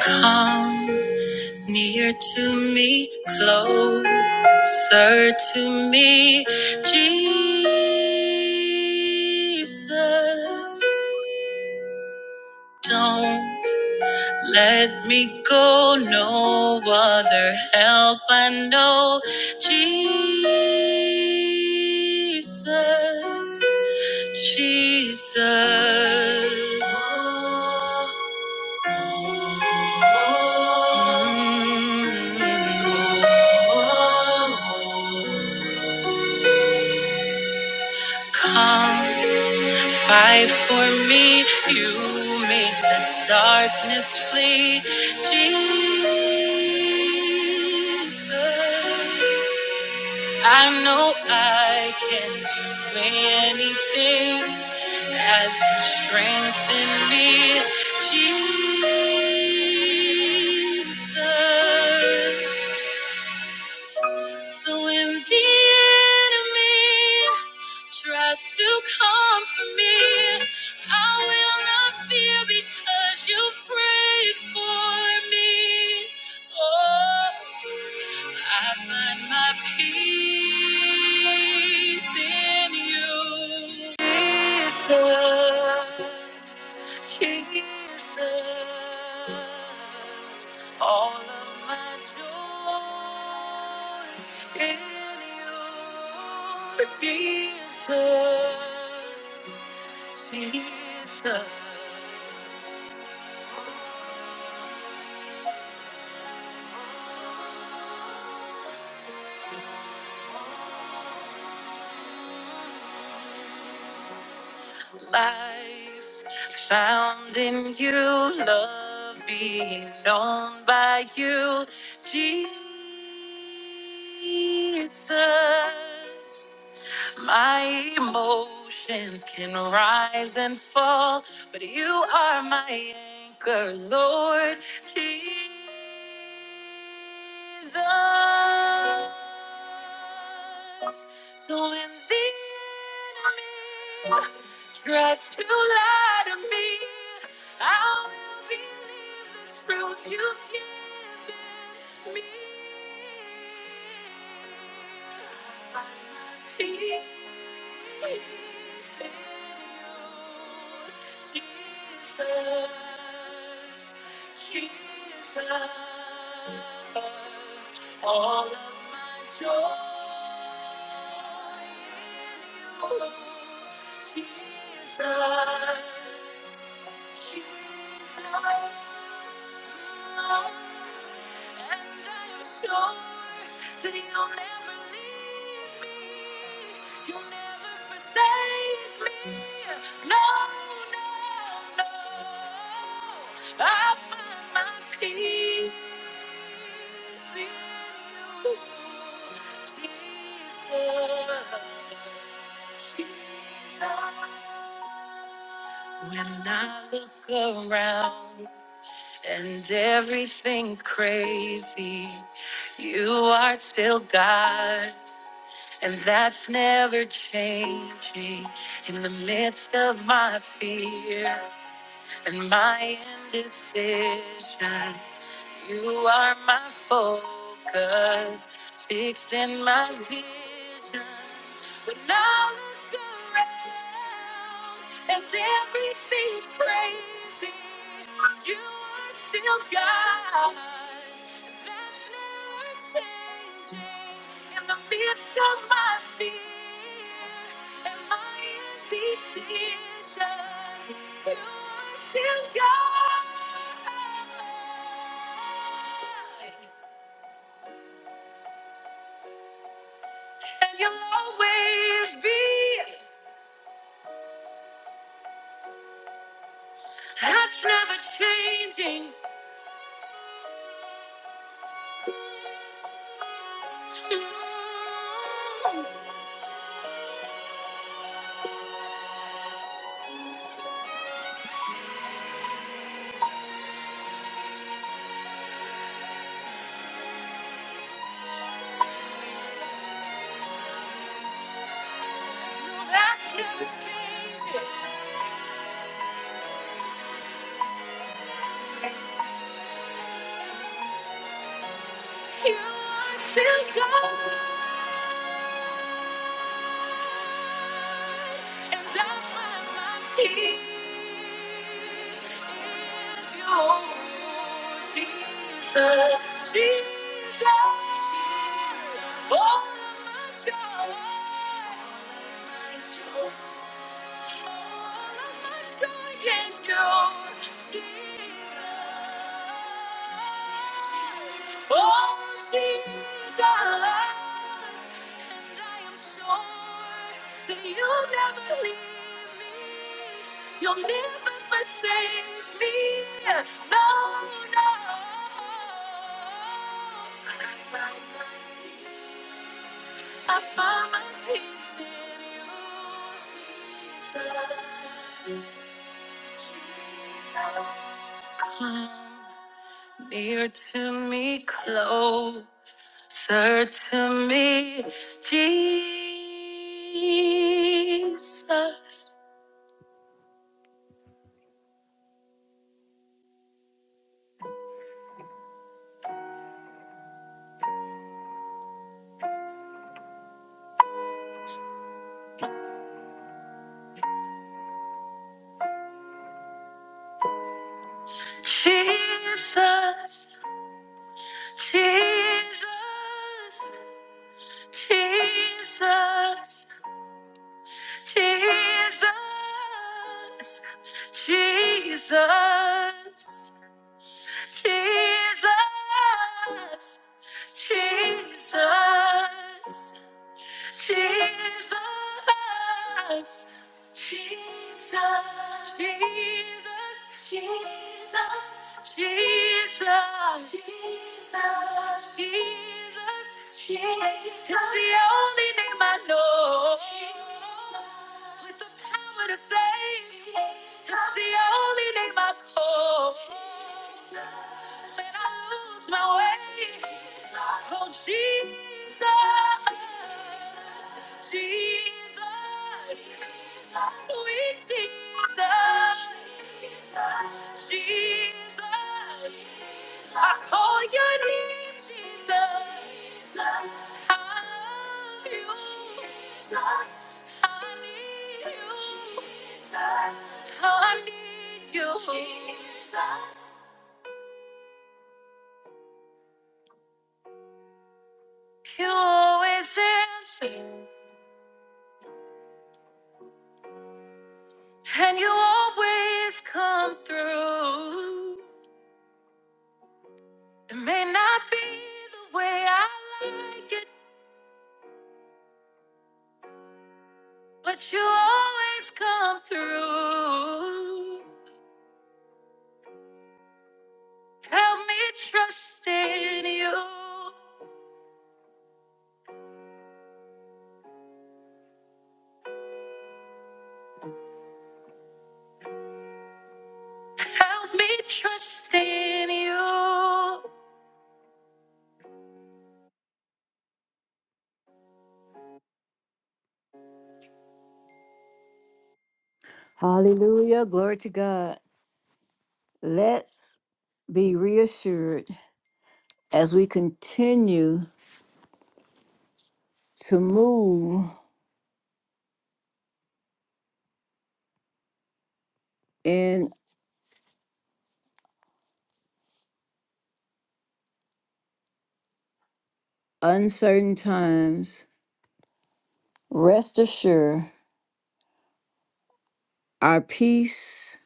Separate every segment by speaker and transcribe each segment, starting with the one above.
Speaker 1: Come near to me, closer to me, Jesus. Don't let me go, no other help I know, Jesus. Jesus. Mm. Come Fight for me, you make the darkness flee. Jesus, I know I can do anything as you strengthen me. Jesus. So when the enemy tries to come for me, I will not fear because you've prayed for me. Oh, I find my peace in you. Jesus, Jesus, all of my joy in you. Jesus, Jesus. life found in you, love being known by you, Jesus. My emotions can rise and fall, but you are my anchor, Lord Jesus. So when the enemy tries to lie to me. I will believe the truth you've given me. Find my peace in you, Jesus, Jesus. All of my joy in you, Jesus. Jesus, and I I am sure that You'll You'll You, never never leave me. me. forsake me. No, no, no. I find my peace in you, Jesus. When I look around. And everything crazy, you are still God, and that's never changing. In the midst of my fear and my indecision, you are my focus, fixed in my vision. When I look around and everything's crazy, you are still God. that's never changing in the midst of my fear and my indecision. You are still God. And you'll always be. That's never changing. No, no, that's never changing. You are still God, and I find my peace in Your Jesus, Jesus, Jesus. All of my joy, all of my joy. All of my joy can you give me? All these are lies, and I am sure that you'll never leave me. You'll never mistake me. No, no. I find my peace in you, Jesus. Come near to me, closer to me, Jesus. Jesus, Jesus, Jesus. Jesus, Jesus, Jesus, Jesus. Jesus, Jesus, Jesus, Jesus, Jesus, Jesus, Jesus. It's the only name I know with the power to save. It's the only name I call when I lose my way. Oh, Jesus, Jesus, sweet Jesus, Jesus, I call your name, Jesus. I love you. I need you. I need you. You always answer, and you always come through. It may not be the way I like it, but you always come through. Help me trust in you. Help me trust in you. Hallelujah. Glory to God. Let's be reassured as we continue to move in uncertain times, rest assured our peace,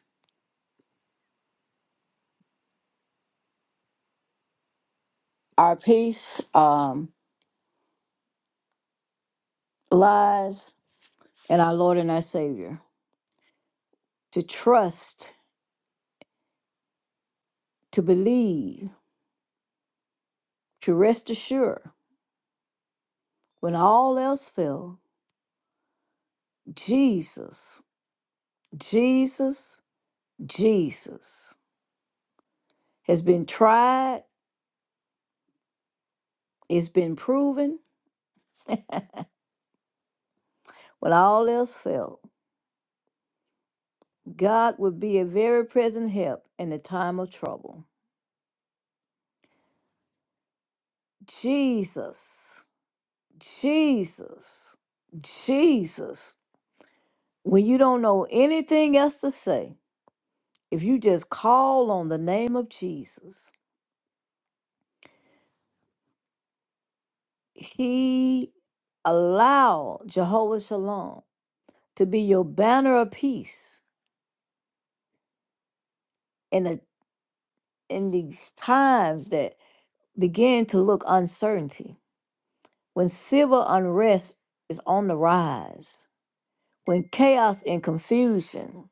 Speaker 1: our peace um, lies in our Lord and our Savior. To trust, to believe, to rest assured when all else fail, Jesus, Jesus, Jesus has been tried, it's been proven. When all else failed, God would be a very present help in the time of trouble. Jesus. Jesus, Jesus, when you don't know anything else to say, if you just call on the name of Jesus, He allowed Jehovah Shalom to be your banner of peace in a, in these times that begin to look uncertainty. When civil unrest is on the rise, when chaos and confusion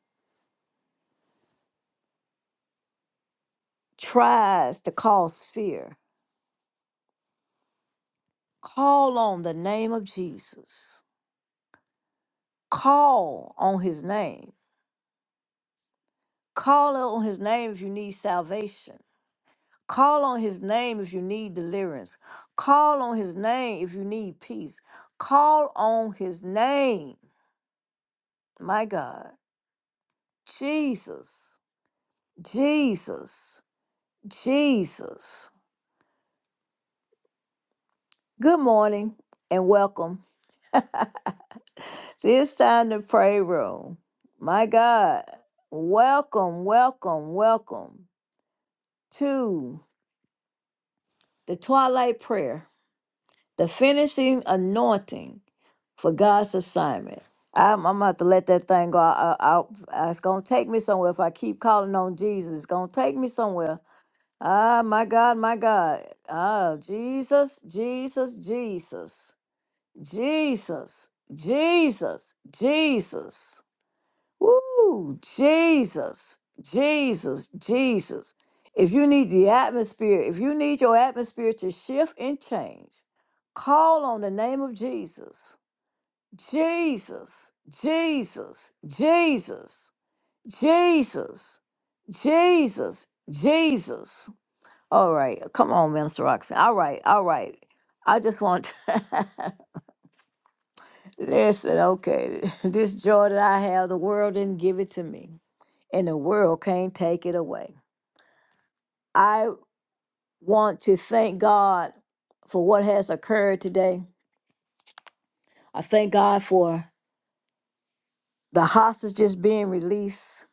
Speaker 1: tries to cause fear, Call on the name of Jesus. Call on his name. Call on his name if you need salvation. Call on his name if you need deliverance. Call on his name if you need peace. Call on his name. My God. Jesus. Jesus. Jesus. Good morning and welcome. this time to pray room. My God. Welcome, welcome, welcome. Two, the twilight prayer, the finishing anointing for God's assignment. I'm, I'm about to let that thing go. I, I, I- it's going to take me somewhere if I keep calling on Jesus. It's going to take me somewhere. Ah, my God, my God. Ah, Jesus, Jesus, Jesus, Jesus, Jesus, Jesus. Woo, Jesus, Jesus, Jesus. If you need the atmosphere, if you need your atmosphere to shift and change, call on the name of Jesus. Jesus, Jesus, Jesus, Jesus, Jesus, Jesus. All right, come on, Minister Roxanne. All right, all right. I just want, listen, okay, this joy that I have, the world didn't give it to me and the world can't take it away. I want to thank God for what has occurred today. I thank God for the hostages being released,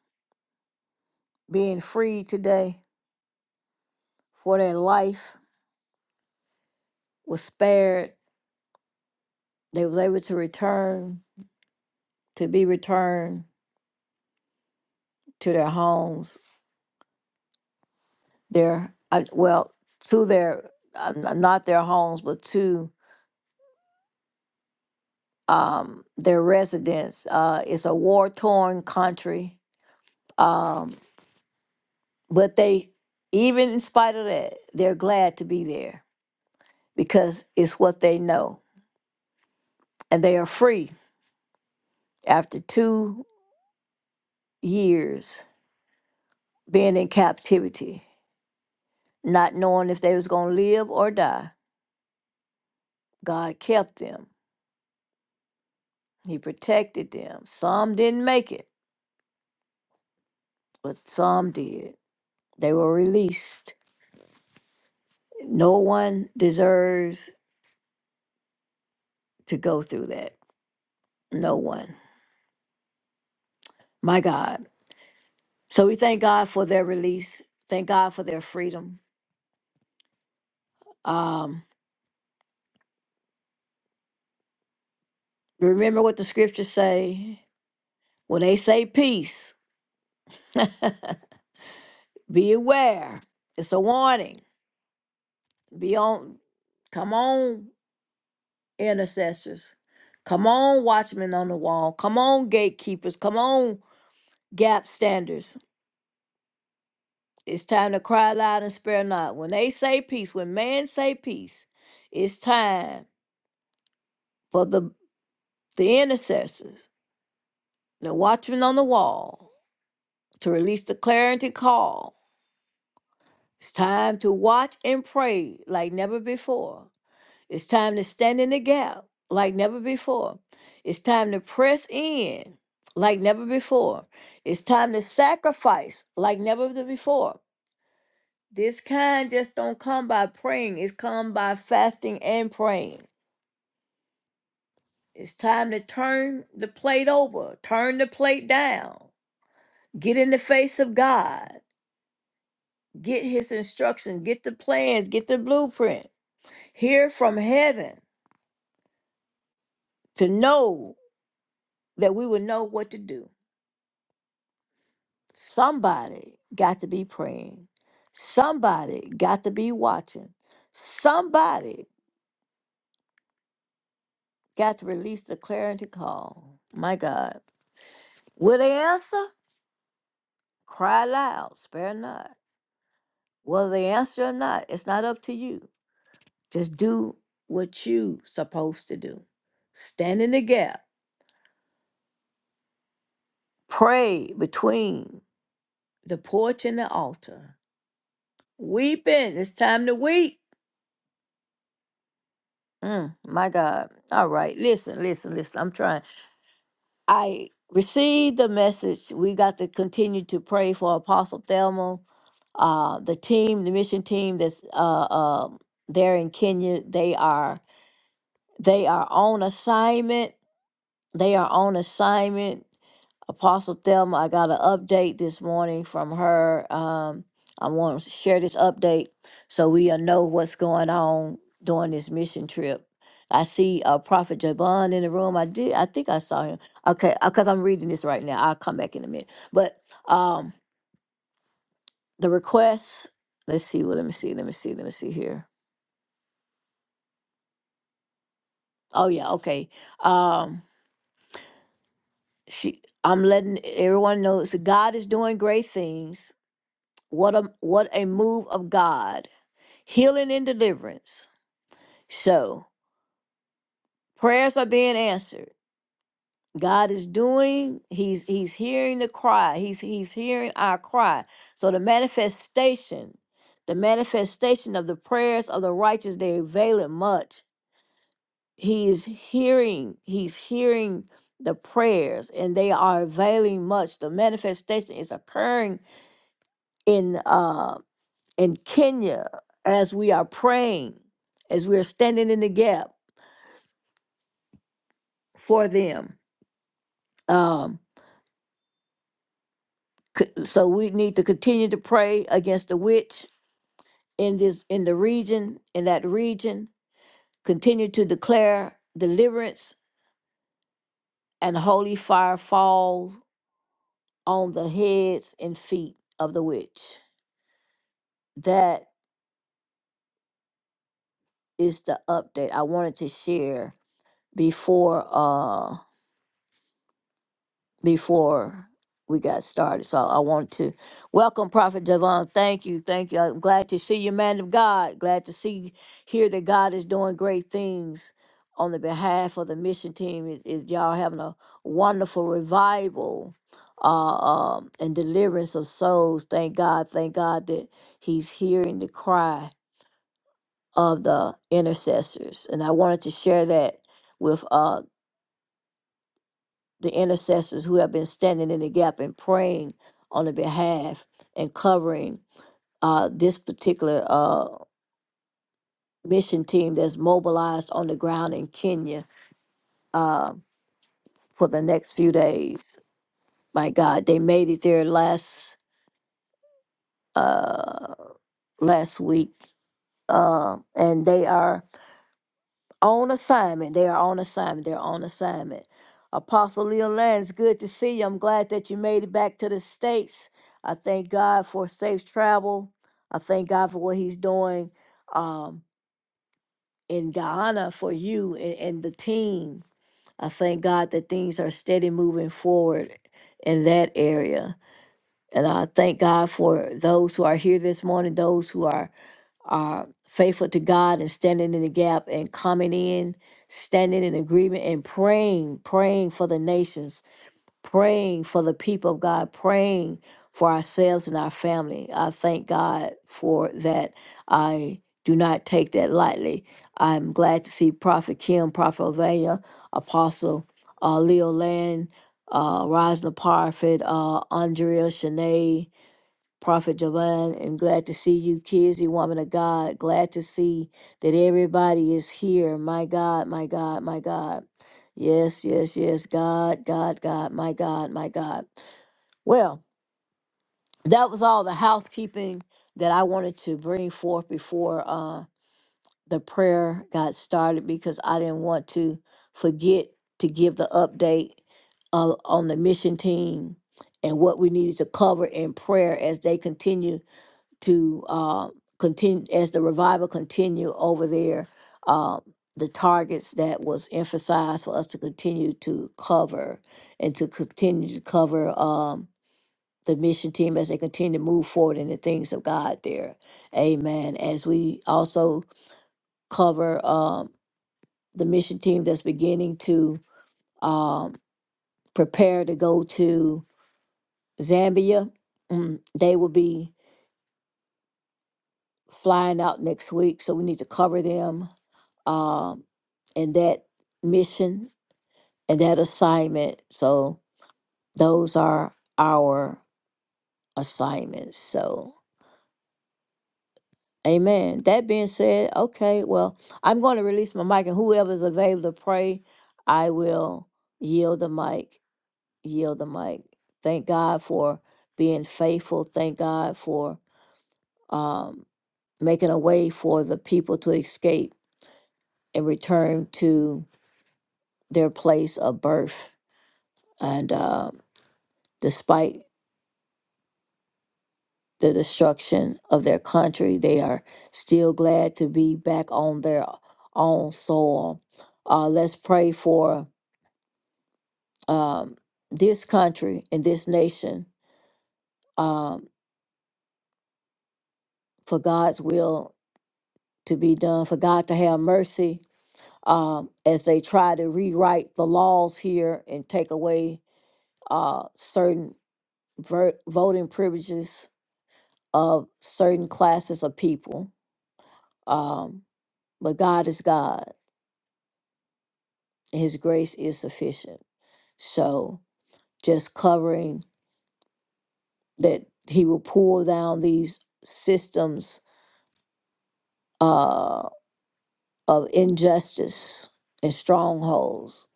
Speaker 1: being freed today, for their life was spared. They was able to return, to be returned to their homes, their uh, well, to their uh, n- not their homes, but to um, their residence. Uh, it's a war torn country. Um, But they, even in spite of that, they're glad to be there because it's what they know. And they are free after two years being in captivity, not knowing if they was going to live or die. God kept them. He protected them. Some didn't make it, but some did. They were released. No one deserves to go through that. No one. My God. So we thank God for their release. Thank God for their freedom Um, remember what the scriptures say when they say peace. be aware. It's a warning. Be on. Come on, intercessors. Come on, watchmen on the wall. Come on, gatekeepers. Come on, gap standers. It's time to cry loud and spare not. When they say peace, when man say peace, it's time for the the intercessors, the watchmen on the wall, to release the clarity call It's time to watch and pray like never before. It's time to stand in the gap like never before. It's time to press in like never before. It's time to sacrifice like never th- before. This kind just don't come by praying, it's come by fasting and praying. It's time to turn the plate over, turn the plate down, get in the face of God, get his instruction, get the plans, get the blueprint, hear from heaven to know that we would know what to do. Somebody got to be praying. Somebody got to be watching. Somebody got to release the clarity call. My God. Will they answer? Cry loud, spare not. Whether they answer or not, it's not up to you. Just do what you supposed to do. Stand in the gap. Pray between the porch and the altar. Weeping. It's time to weep Mm, my God. All right. Listen, listen, listen. I'm trying. I received the message. We got to continue to pray for Apostle Thelma, uh, the team, the mission team that's uh, uh, there in Kenya. They are they are on assignment. They are on assignment. Apostle Thelma, I got an update this morning from her. Um, I want to share this update so we all know what's going on during this mission trip. I see uh, Prophet Jabon in the room. I did. I think I saw him. Okay, because I'm reading this right now. I'll come back in a minute. But um, the requests. Let's see. Well, let me see. Let me see. Let me see here. Oh yeah. Okay. Um, she. I'm letting everyone know. So God is doing great things. What a what a move of God healing and deliverance. So prayers are being answered. God is doing, He's He's hearing the cry. He's He's hearing our cry. So the manifestation, the manifestation of the prayers of the righteous, they avail it much. He is hearing, He's hearing the prayers, and they are availing much. The manifestation is occurring in uh in Kenya as we are praying, as we are standing in the gap for them. um co- so we need to continue to pray against the witch in this in the region in that region continue to declare deliverance and holy fire falls on the heads and feet of the witch that is the update i wanted to share before uh, before we got started. So I want to welcome Prophet Javon. Thank you. Thank you. I'm glad to see you, man of God. Glad to see, hear that God is doing great things on the behalf of the mission team. Is, is y'all having a wonderful revival uh, um, and deliverance of souls. Thank God. Thank God that he's hearing the cry of the intercessors. And I wanted to share that with uh, the intercessors who have been standing in the gap and praying on the behalf and covering uh, this particular uh, mission team that's mobilized on the ground in Kenya uh, for the next few days. My God, they made it there last uh, last week, uh, and they are on assignment. They are on assignment. They're on assignment. Apostle Leo Lance, good to see you. I'm glad that you made it back to the States. I thank God for safe travel. I thank God for what he's doing um, in Guyana for you and, and the team. I thank God that things are steady moving forward in that area. And I thank God for those who are here this morning, those who are are faithful to God and standing in the gap and coming in, standing in agreement and praying, praying for the nations, praying for the people of God, praying for ourselves and our family. I thank God for that. I do not take that lightly. I'm glad to see Prophet Kim, Prophet Ovea, Apostle uh, Leo Land, uh, Rosna Parfit, uh, Andrea, Shanae, Prophet Javon, and glad to see you, Kizzy, woman of God. Glad to see that everybody is here. My God, my God, my God. Yes, yes, yes. God, God, God, my God, my God. Well, that was all the housekeeping that I wanted to bring forth before uh, the prayer got started because I didn't want to forget to give the update uh, on the mission team and what we needed to cover in prayer as they continue to uh, continue as the revival continue over there. Uh, the targets that was emphasized for us to continue to cover and to continue to cover um, the mission team as they continue to move forward in the things of God there. Amen. As we also cover um, the mission team that's beginning to um, prepare to go to Zambia, mm, they will be flying out next week, so we need to cover them um, and that mission and that assignment. So those are our assignments. So amen. That being said, okay, well, I'm going to release my mic and whoever is available to pray, I will yield the mic, yield the mic. Thank God for being faithful. Thank God for um, making a way for the people to escape and return to their place of birth. And um, despite the destruction of their country. They are still glad to be back on their own soil. Uh, let's pray for um, this country and this nation um, for God's will to be done, for God to have mercy um, as they try to rewrite the laws here and take away uh, certain ver- voting privileges of certain classes of people. Um, but God is God. His grace is sufficient. So just covering that He will pull down these systems uh, of injustice and strongholds,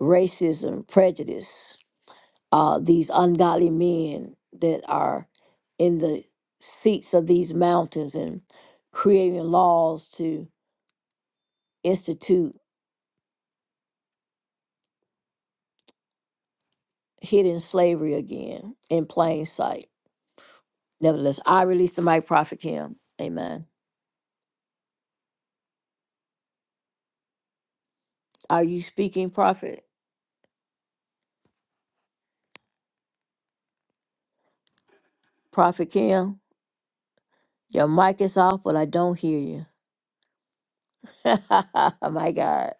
Speaker 1: racism, prejudice, uh, these ungodly men that are in the seats of these mountains and creating laws to institute hidden slavery again in plain sight. Nevertheless, I release the mic, Prophet Kim. Amen. Are you speaking, Prophet? Prophet Kim? Your mic is off, but I don't hear you. My God.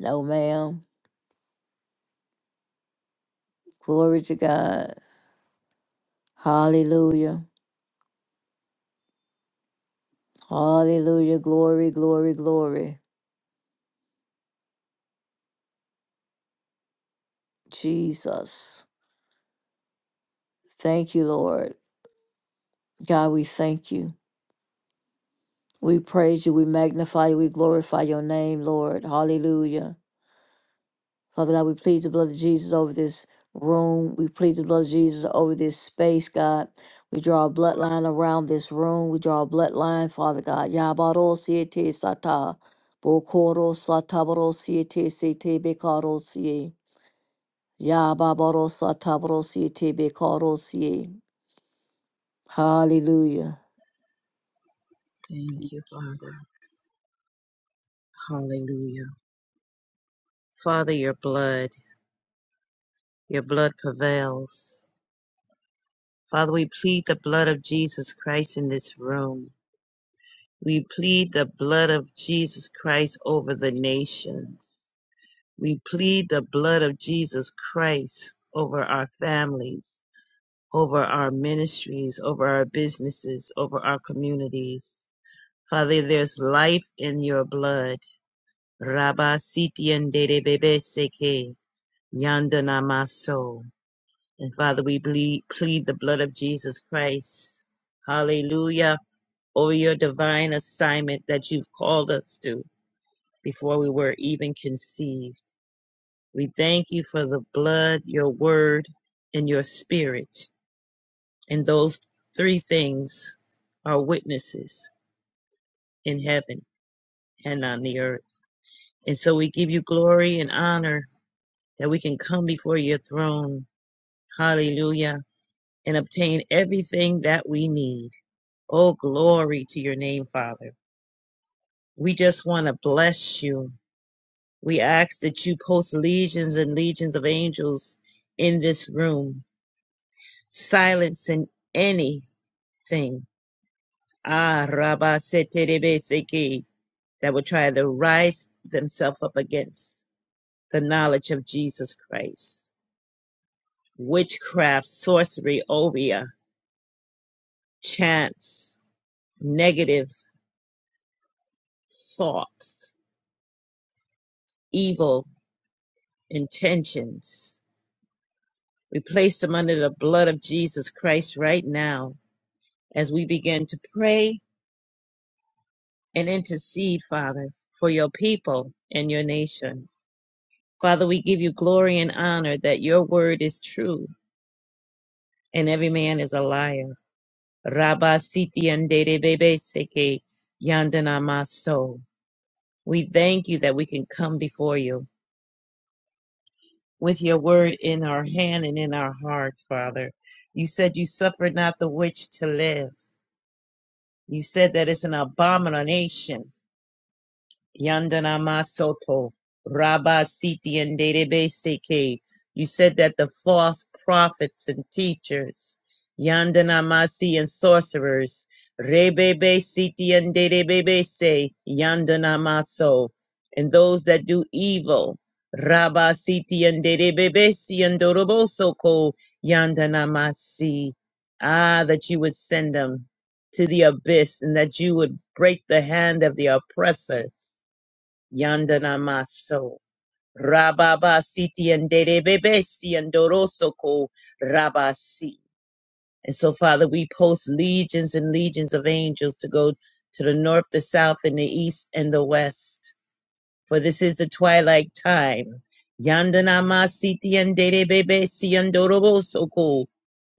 Speaker 1: No, ma'am. Glory to God. Hallelujah. Hallelujah. Glory, glory, glory. Jesus. Thank you, Lord. God, we thank you. We praise you. We magnify you. We glorify your name, Lord. Hallelujah. Father God, we plead the blood of Jesus over this room. We plead the blood of Jesus over this space, God. We draw a bloodline around this room. We draw a bloodline, Father God. Yabaro siete sata. Bokoro satabaro siete sete bekaro siye. Yababaro satabaro siete bekaro siye. Hallelujah.
Speaker 2: Thank you, Father. Hallelujah. Father, your blood, your blood prevails. Father, we plead the blood of Jesus Christ in this room. We plead the blood of Jesus Christ over the nations. We plead the blood of Jesus Christ over our families, over our ministries, over our businesses, over our communities. Father, there's life in your blood. Rabba Siti and Yandana Maso. And Father, we plead, plead the blood of Jesus Christ. Hallelujah. Over your divine assignment that you've called us to before we were even conceived. We thank you for the blood, your word, and your spirit. And those three things are witnesses in heaven and on the earth. And so we give you glory and honor that we can come before your throne. Hallelujah and obtain everything that we need. Oh, glory to your name, Father. We just want to bless you. We ask that you post legions and legions of angels in this room, silencing anything. Ah, Rabba Seterebe Seki, that would try to rise themselves up against the knowledge of Jesus Christ. Witchcraft, sorcery, Oria chants, negative thoughts, evil intentions. We place them under the blood of Jesus Christ right now as we begin to pray and intercede, Father, for your people and your nation. Father, we give you glory and honor that your word is true and every man is a liar. Rabba siti andere bebe seke yandana maso. We thank you that we can come before you with your word in our hand and in our hearts, Father. You said you suffered not the witch to live. You said that it's an abomination. Yandana Masoto, Rabba Siti and Derebe Seke. You said that the false prophets and teachers, Yandana Masi and sorcerers, Rebebe Siti and Derebe Se, Yandana Maso, and those that do evil, Rabba Siti and Derebe Si and Doroboso Ko, Yandana Masi. Ah, that you would send them to the abyss and that you would break the hand of the oppressors. Yandana Maso. Rababa Siti and Derebebesi and Dorosoko Rabasi. And so, Father, we post legions and legions of angels to go to the north, the south, and the east and the west for this is the twilight time. Yandanama siti and dede bebe siandorobosoko.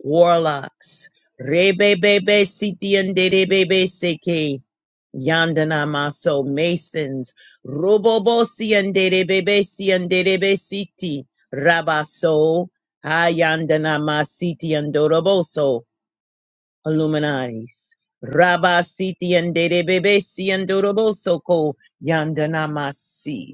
Speaker 2: Warlocks. Rebebebe siti and dede bebe seke. Yandanama so masons. Robobosi and bebe siandebe siti. Rabaso. Hayandanama siti andoroboso. Illuminatis. Rabba siti and dede bebe siandoroboso ko yandanamasi.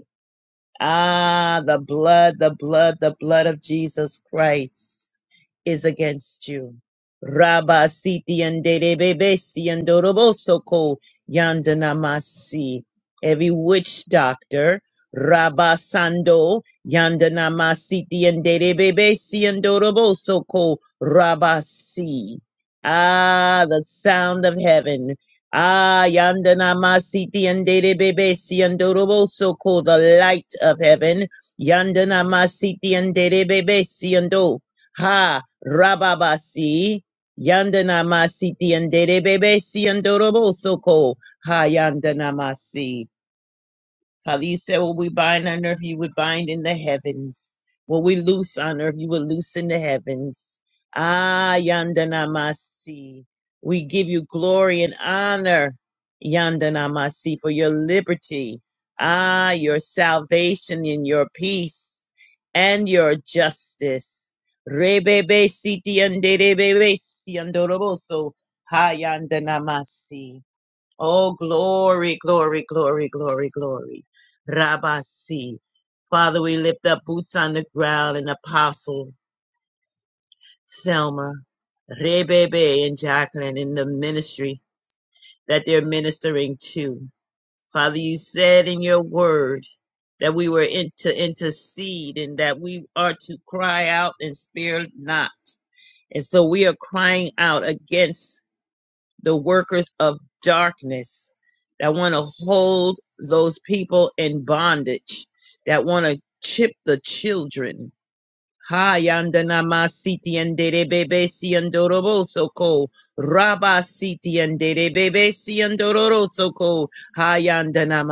Speaker 2: Ah, the blood, the blood, the blood of Jesus Christ is against you. Rabba siti anderebebesi andorobosoko yandanamasi. Every witch doctor, Rabba sando yandanamasiti anderebebesi andorobosoko rabasi. Ah, the sound of heaven. Ah, yandana masiti andere bebe si andoroboso ko the light of heaven. Yandana masiti andere bebe si ando. Ha, rababasi. Yandana masiti andere bebe si andoroboso ko. Ha, yandana masi. Father, you said what we bind on earth, you would bind in the heavens. What we loose on earth, you would loose in the heavens. Ah, Yandanamasi. We give you glory and honor, Yandanamasi, for your liberty. Ah, your salvation and your peace and your justice. Rebebe siti yanderebebe si yandoroboso. Ha yandanamasi. Oh, glory, glory, glory, glory, glory. Rabasi. Father, we lift up boots on the ground and Apostle Thelma, Rebebe, and Jacqueline in the ministry that they're ministering to. Father, you said in your word that we were in to intercede and that we are to cry out and spare not. And so we are crying out against the workers of darkness that want to hold those people in bondage, that want to chip the children, Ha yandana masiti and derebebe si andoroboso ko raba siti and derebebe si andoroso ko ha yandana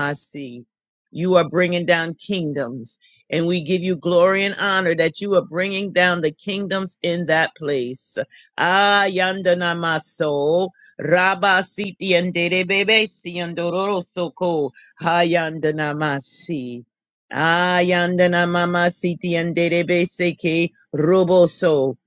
Speaker 2: You are bringing down kingdoms, and we give you glory and honor that you are bringing down the kingdoms in that place. Ah yandana maso raba siti and derebebe si andoroso ko ha yandana Ayandana mama siti anderebe seke roboso.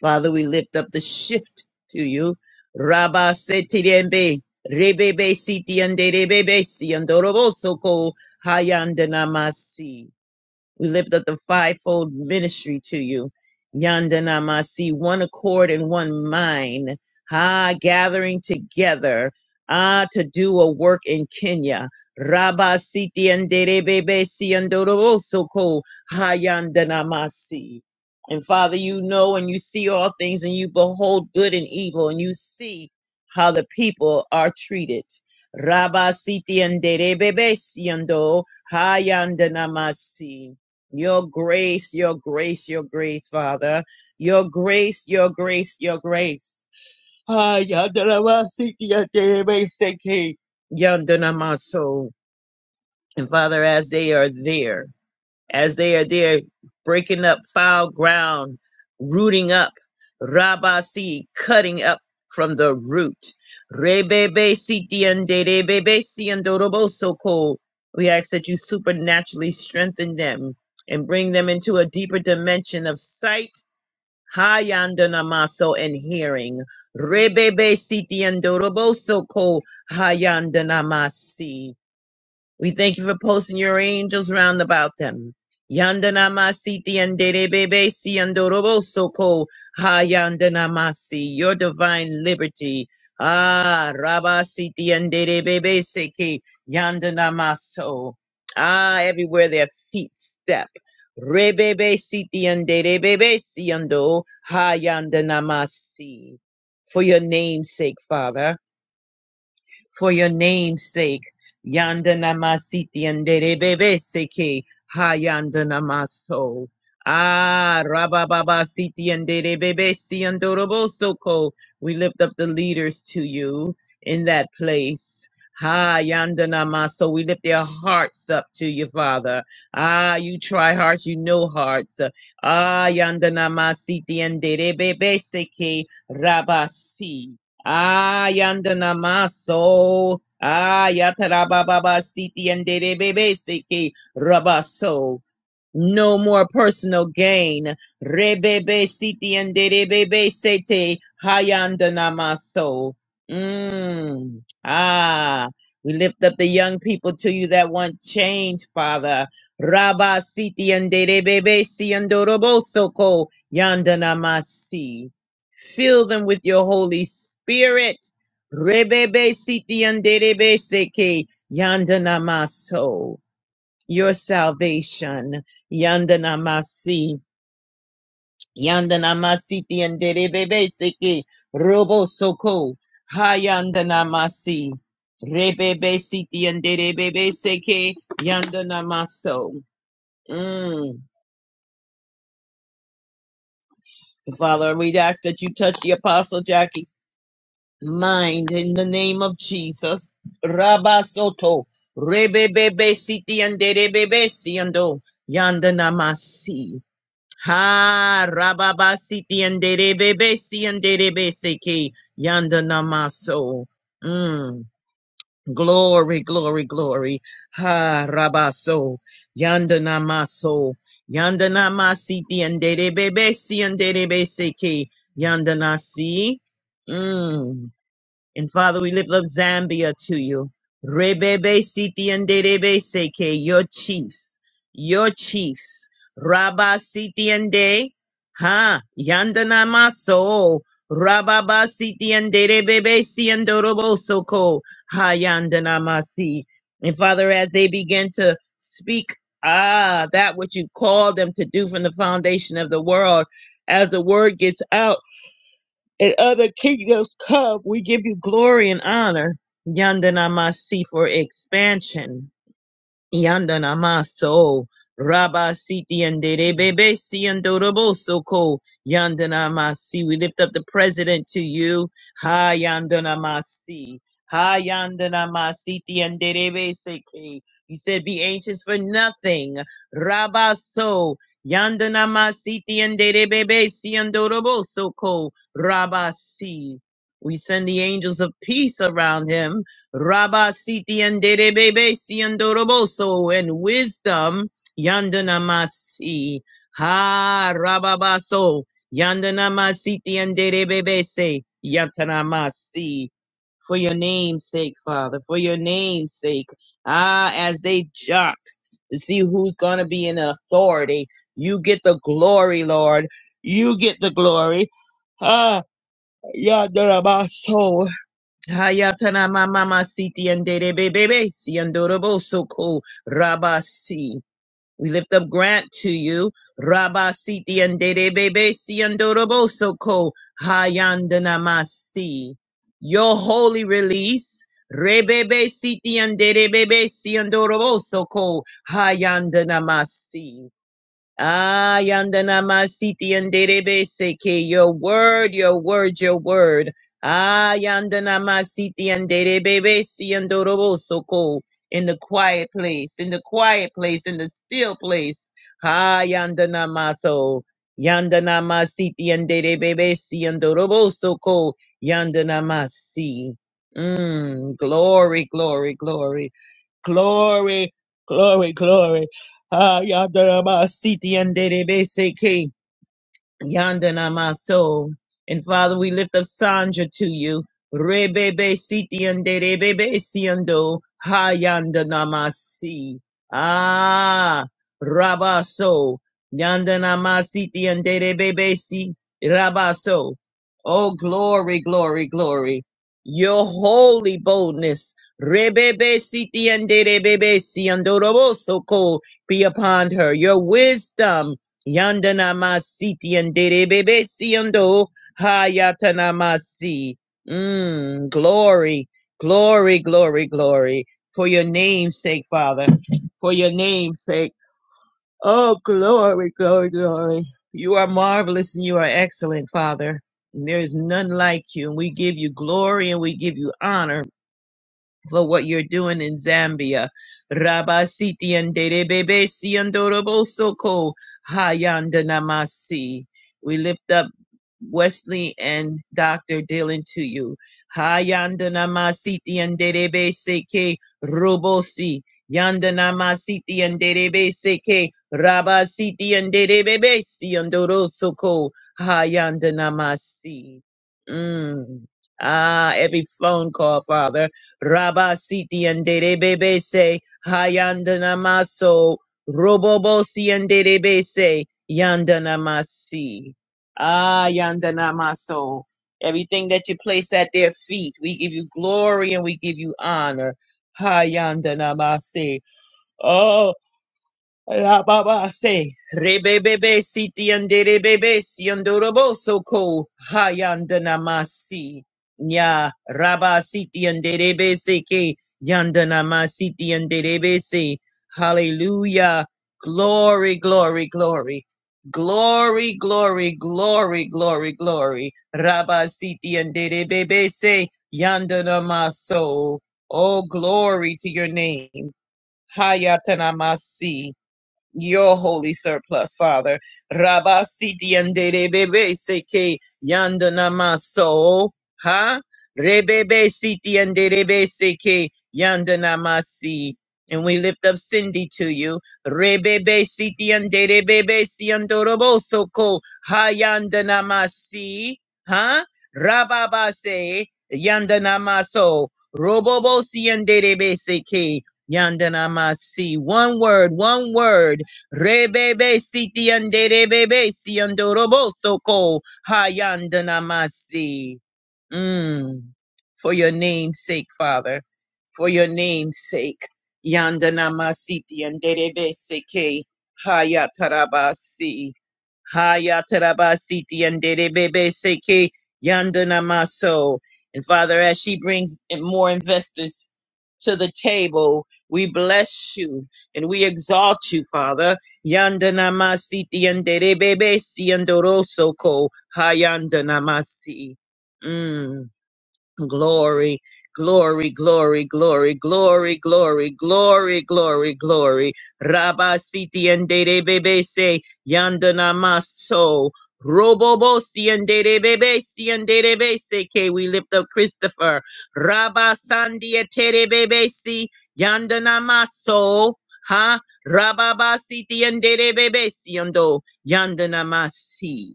Speaker 2: Father, we lift up the shift to you. Rabba setirembe rebebe siti anderebe si andoroboso ko hayandana masi. We lift up the fivefold ministry to you. Yandanamasi, one accord and one mind. Ha, gathering together. Ah, to do a work in Kenya. Rabba siti anderebebe siandorosoko ha yandanamasi. And Father, you know and you see all things and you behold good and evil and you see how the people are treated. Rabba siti anderebebe siando ha yandanamasi. Your grace, your grace, your grace, Father. Your grace, your grace, your grace. Ah, yandanamasiki, yandanamaiseki, yandanamaso. And Father, as they are there as they are there breaking up foul ground, rooting up, rabasi, cutting up from the root. Rebebe sitiende, rebebe siendorobosoko. We ask that you supernaturally strengthen them and bring them into a deeper dimension of sight. hayandanamaso, and hearing. Rebebe sitiendorobosoko hayanda namasi. We thank you for posting your angels round about them. Yandanamasiti and Derebebesi and Dorobosoko Ha Yandanamasi, your divine liberty. Ah, Rabasiti and Derebebeseki Yandanamaso. Ah, everywhere their feet step. Rebebe siti and derebebe siando ha yandanamasi. For your name's sake, Father for your name's sake. Yandanamasiti and Derebebeseke Hayandanamaso. Ah, Rabababa Siti and Bebe si and Dorobosoko. We lift up the leaders to you in that place. Ha Yandanamaso. We lift their hearts up to you, Father. Ah, you try hearts, you know hearts. Ah, Yandanamasiti and Bebe seke, Rabasi. Ayandanamaso. Ayatarababa siti and debe seki rabaso no more personal gain. Rebebe siti and rebebe sete hayandanamaso. Mm. Ah, we lift up the young people to you that want change, Father. Rabba siti and rebebe siandoroboso ko yandanamasi. Fill them with your Holy Spirit. Rebebe siti and rebebe seke yandanamaso your salvation. Yandanamasi. Yandanamasi tianderebebe seke. Robo soko. Hayandanamasi. Rebebe siti yanderebebe seke. Yandanamaso. Mm. Father, we ask that you touch the Apostle Jackie mind in the name of Jesus. Rabba Soto. Rebebebe siti yanderebebe siando. Yandanamasi. Ha rababa siti andere bebe si andere seki yanda namaso. Mm. Glory, glory, glory. Ha rabaso yanda namaso yanda namasiti andere bebe si andere seki yanda nasi. Mm. And Father, we lift up Zambia to you. Rebebe Siti and Derebe Seke, your chiefs, your chiefs. Rabba Siti and De, Ha, Yandana Maso, Rababa Siti and Derebebe Si and Doroboso ko Ha Yandana Masi. And Father, as they begin to speak, ah, that which you called them to do from the foundation of the world, as the word gets out and other kingdoms come, we give you glory and honor. Yandanamasi for expansion. Yandana maso Rabba Siti and Bebe Si and Doroboso Ko Yandana Masi. We lift up the president to you. Ha Yandana Masi. Ha Yandana Masiti and Derebe Seke. You said be anxious for nothing. Rabba So Yandana Masiti and Derebe Si and Doroboso Ko Rabba Si. We send the angels of peace around him. Rabba Siti and Derebebe Siandoroboso and Wisdom Yandanamasi. Ha Rababaso Yandanamasiti and Dede bebe say Yatanamasi. For your name's sake, Father, for your name's sake. Ah, as they jot to see who's going to be in authority, you get the glory, Lord. You get the glory. Ah, Yandanabaso. Hayatana mama siti and bebe si andorobo soko rabasi. We lift up Grant to you. Rabasiti and dere bebe si andorobo soko hayandana masi. Your holy release. Rebebe siti and dere bebe si andorobo soko hayandana masi. Ah, yandana masiti yanderebe seke. Your word, your word, your word. Ah, yandana masiti yanderebe si yandorobo soko. In the quiet place, in the quiet place, in the still place. Ah, yandana maso. Yandana masiti yanderebe si yandorobo soko. Yandana masi. Mm, glory, glory, glory. Glory, glory, glory. Ah, yadaramasiti and dede basic. Yandana Maso. And Father, we lift up Sandra to you. Rebebe sitiande rebebe siando hayandana masi. Ah, rabaso. Yandana masitiande rebebe si rabaso. Oh, glory, glory, glory. Your holy boldness. Rebebe sitiande rebebe siando roboso ko be upon her. Your wisdom. Yandana masiti and derebebe siando hayatana masi. Mm, glory, glory, glory, glory. For your name's sake, Father. For your name's sake. Oh, glory, glory, glory. You are marvelous and you are excellent, Father. And there is none like you. And we give you glory and we give you honor for what you're doing in Zambia. Rabasiti and Derebebe Siandorobosoko Hayandanamasi. We lift up Wesley and Dr. Dylan to you. Hayandanamasiti and Derebe Seke Robosi. Yandanamasiti and Derebe Seke Rabasiti and Derebebe Siandorosoko Hayandanamasi. Mm. Ah, every phone call, Father. Rabba siti anderebebe se hayandanamaso robobo si anderebe se yandanamasi. Ah, yandanamaso. Everything that you place at their feet, we give you glory and we give you honor. Hayandanamasi. La baba say, rebebebe siti anderebebe si andoroboso ko hayandanamasi. Nya raba siti anderebe se ke yandanamasiti anderebe se. Hallelujah. Glory, glory, glory. Glory, glory, glory, glory, glory. Raba siti anderebebe se yandanamaso. Oh, glory to your name. Hayatanamasi your holy surplus, Father. Rabba siti andere bebe seke yandana maso, ha? Rebebe siti andere bebe seke yandana masi. And we lift up Cindy to you. Rebebe siti andere bebe si andorobo soko ha yandana masi, ha? Rababa se yandana maso. Robobo si andere bebe seke yandana masi. One word, one word Rebebe siti ande rebebe si andorobo soko hayandanamasi. Mm. For your name's sake, Father for your name's sake. Yandana Masiti and Derebe Seke Hayatarabasi. Hayatarabasiti and Derebe Seke Yandana Maso. And Father, as she brings in more investors to the table. We bless you and we exalt you, Father. Yandana and tiendere bebe siendoroso ko hayandanamasi. Mm. Glory, glory, glory, glory, glory, glory, glory, glory, glory. Rabba siti and de bebe se yandana maso. Robobo si and de bebe si and de bebe se ke we lift up Christopher. Rabba sandia tere bebe si yandana maso. Ha, rababa siti and de bebe si yando yandana masi.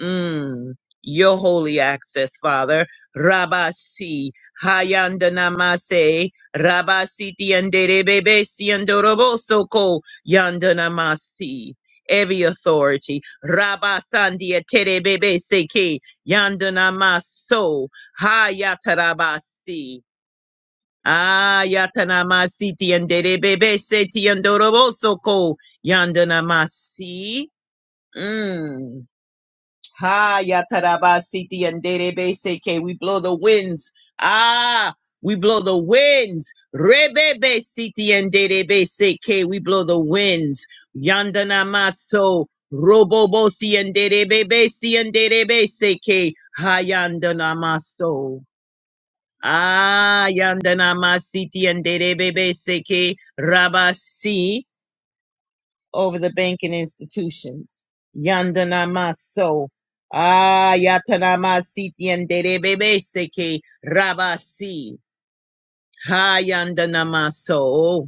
Speaker 2: Mm. Your holy access, Father. Rabasi, Hayandanamase, Rabasi Tianderebebe Siandorobosoko, Yandanamasi. Every authority, Rabasandia Terebebe Seke, Yandanamaso, Hayatarabasi. Ayatanamasi Tianderebebe Setiandorobosoko, Yandanamasi. Mm. Ha yatarabasiti yanderebe seke. We blow the winds. Ah, we blow the winds. Rebebe siti yanderebe seke. We blow the winds. Yandana maso. Robobo si yanderebebe si yanderebe seke. Ha yandana maso. Ah, yandana masiti yanderebebe seke. Rabasi over the banking institutions. Yandanamaso. Ah, yatanamasiti and derebebeseke rabasi. Ha yandanamaso.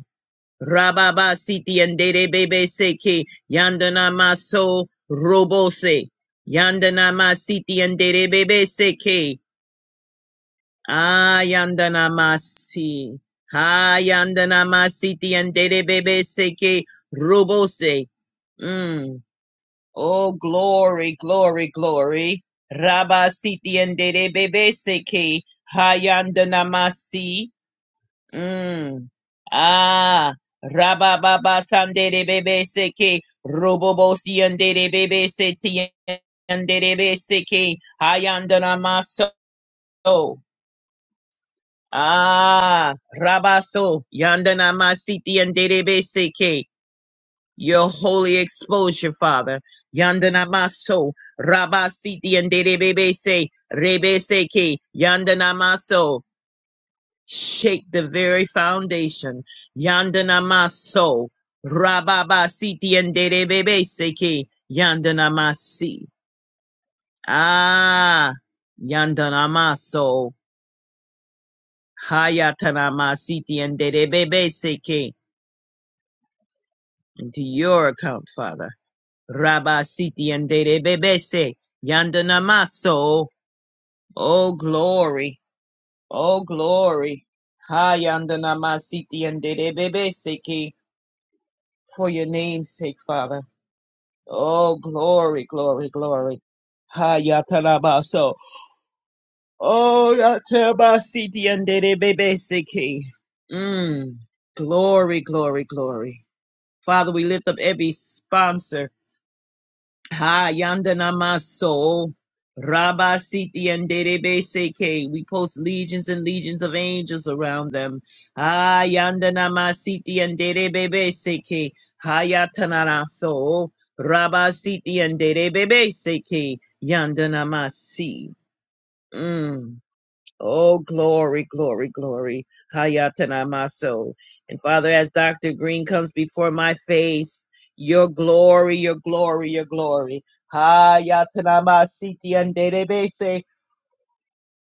Speaker 2: Rababasiti and derebebeseke yandanamaso robose. Yandanamasiti and derebebeseke. Ah, yandanamasi. Ha yandanamasiti and derebebeseke robose. Mm. Oh, glory, glory, glory. Rabba siti endere bebe seke hayandanamasi. Mm. Ah. Rabba baba sandere bebe seke robobosi endere bebe seti endere bebe seke hayandanamaso. Ah. Rabaso yandanamasi ti endere bebe seke. Your holy exposure, Father. Yandanamaso, Rabasiti and Derebebese, Rebeseke, Yandanamaso. Shake the very foundation. Yandanamaso, Rababasiti and Derebebeseke, Yandanamasi. Ah, Yandanamaso, Hayatanamasiti and Derebebeseke. Into your account, Father. Rabba Siti and Dede Bebese, Yandanamaso. Oh glory, oh glory. Ha Yandanamasiti and Dede Bebese ki, for your name's sake, Father. Oh glory, glory, glory. Ha Yatarabaso. Oh Yatarabasiti and Dede Bebese ki. Mm. Glory, glory, glory. Father, we lift up every sponsor Ha Yandanamaso Rabba Siti and Derebe Seke. We post legions and legions of angels around them. Ha Yandanamasiti and Derebe Seke. Hayatanaraso Rabba Siti and Derebe Seke Yandanamasi. Mm. Oh, glory, glory, glory. Hayatanamaso. And Father, as Dr. Green comes before my face, your glory, your glory, your glory. Hayatanamasiti and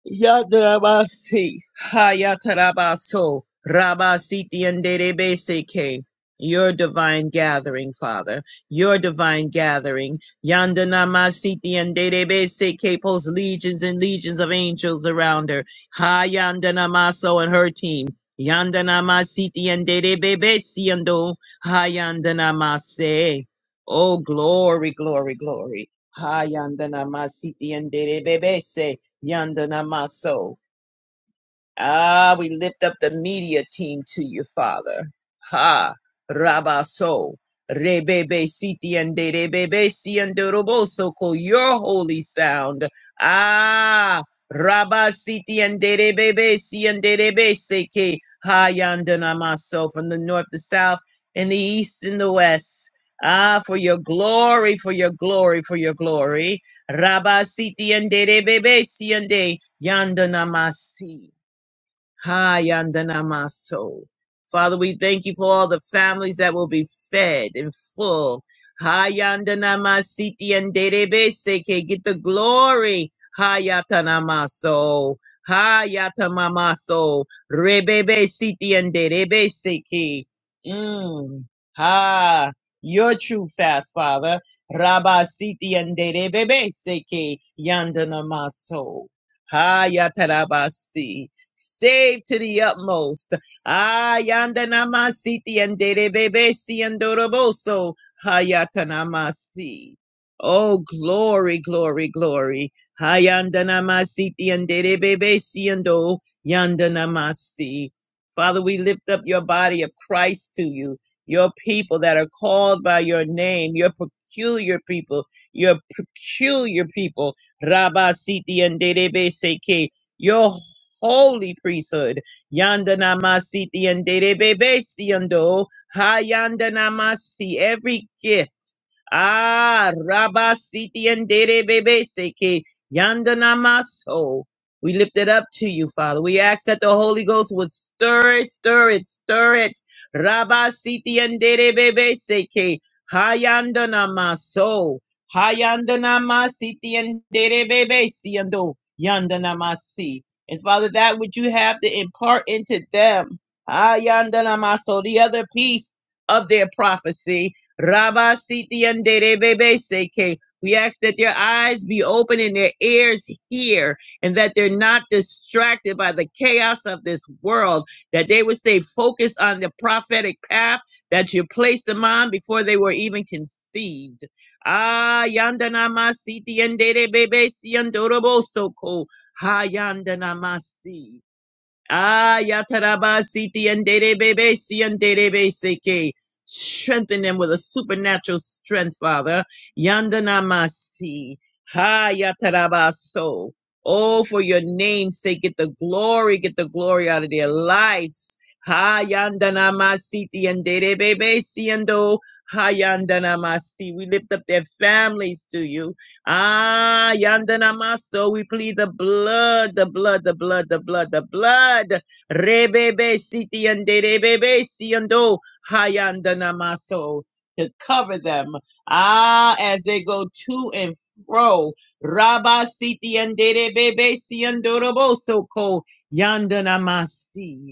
Speaker 2: Yadarabasi, Hayatarabaso, Rabasiti and Derebeseke. Your divine gathering, Father. Your divine gathering. Yandanamasiti and Derebeseke posts legions and legions of angels around her. Hayandanamaso and her team. Yandanamasiti and Derebesiando. Hayandanamase. Oh, glory, glory, glory. Hayandanamasiti and Derebese. Yanda Namaso. Ah, we lift up the media team to you, Father. Ha, Rabaso, Rebebe Siti and Rebebe Si and Roboso, call your holy sound. Ah, Rabasiti and Rebebe Si and Rebe Seke, Hayandanamaso, from the north, the south, and the east, and the west. Ah, for your glory, for your glory, for your glory. Rabasiti and Rebebe Si and Yandanamasi. Hayandanamaso. Father, we thank you for all the families that will be fed and full. Hayandanamasiti and seke Get the glory. Hayatanamaso. rebebe Rebebesiti and Derebeseke. Mm. Ha. Your true fast, Father. Rabasiti and Derebeseke. Yandanamaso. yatarabasi. Save to the utmost. Ah, yanda namasiti and derebebesi and doroboso. Hayatanamasi. Oh, glory, glory, glory. Hayanda namasiti and derebebesi and do yanda namasi. Father, we lift up your body of Christ to you, your people that are called by your name, your peculiar people, your peculiar people. Rabba Siti and Derebe Seke, your holy priesthood. Yanda namasiti and derebebesiando. Hayanda masi. every gift. Ah, rabasiti and bebe seke yandana maso. We lift it up to you, Father. We ask that the Holy Ghost would stir it, stir it, stir it. Rabasiti and derebebeseke. Hayanda namaso. Hayandanamasi tianderebebesiando. Yandanamasi. And Father, that which you have to impart into them. Ah, Ayandanamaso, the other piece of their prophecy. Rabba Siti and Derebebe Seke. We ask that their eyes be open and their ears hear, and that they're not distracted by the chaos of this world, that they would stay focused on the prophetic path that you placed them on before they were even conceived. Ah, yandanama siti yandere bebe siyandorobo soko. Hayandanamasi. Ayatarabasiti and Derebebesi and Derebeseke. Strengthen them with a supernatural strength, Father. Yandanamasi. Hayatarabaso. Oh, for your name's sake, get the glory, get the glory out of their lives. Hayandanamasiti and Derebebesi and Oh, Hayandana Masi. We lift up their families to you. Ah, Yandanamaso, we plead the blood, the blood, the blood, the blood, the blood. Rebebe siti and rebebe siando hayandanamaso to cover them. Ah, as they go to and fro. Rabba siti and rebebe siando roboso ko yandanamasi.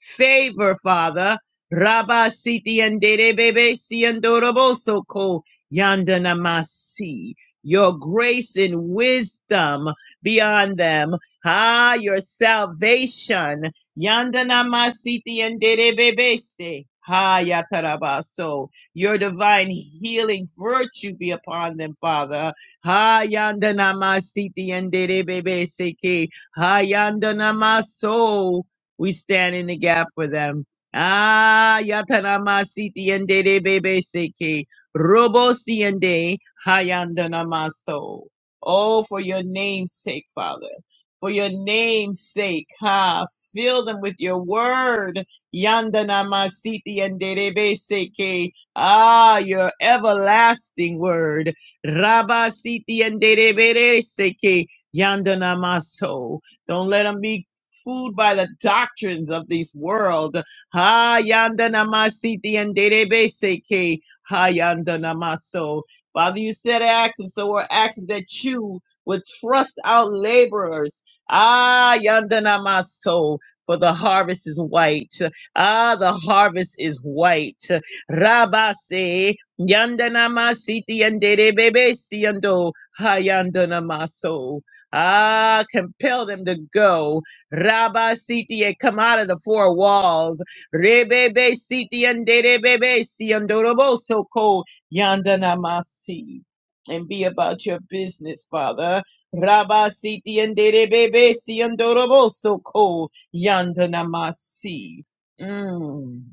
Speaker 2: Favor, Father. Rabba siti andere bebe si andoroboso ko yandanamasi. Your grace and wisdom beyond them. Ah, your salvation. Yandanamasiti and bebe se. Ha yatarabaso. Your divine healing virtue be upon them, Father. Ha yandanamasiti and bebe se ke. Ha yandanamaso. We stand in the gap for them. Ah, yatanama siti and de bebe seke, robo si and de hayandanamaso. Oh, for your name's sake, Father. For your name's sake, ha, fill them with your word. Yandanama siti and de bebe seke. Ah, your everlasting word. Rabba siti and de bebe seke, yandanamaso. Don't let them be fooled by the doctrines of this world. Ha yanda namasiti and derebeseke. Ha yanda namaso. Father, you said acts, and so we're asking that you would thrust out laborers. Ah, yanda namaso. For the harvest is white. Ah, the harvest is white. Rabase. Yanda namasiti and derebesi and do. Ha yanda namaso. Ah, compel them to go. Rabba Sitia, come out of the four walls. Rebebe Sitia and Derebebe Siandorobo So ko Yandanamasi. And be about your business, Father. Rabba Siti and Derebebe Siandorobo So ko Yandanamasi. Mm.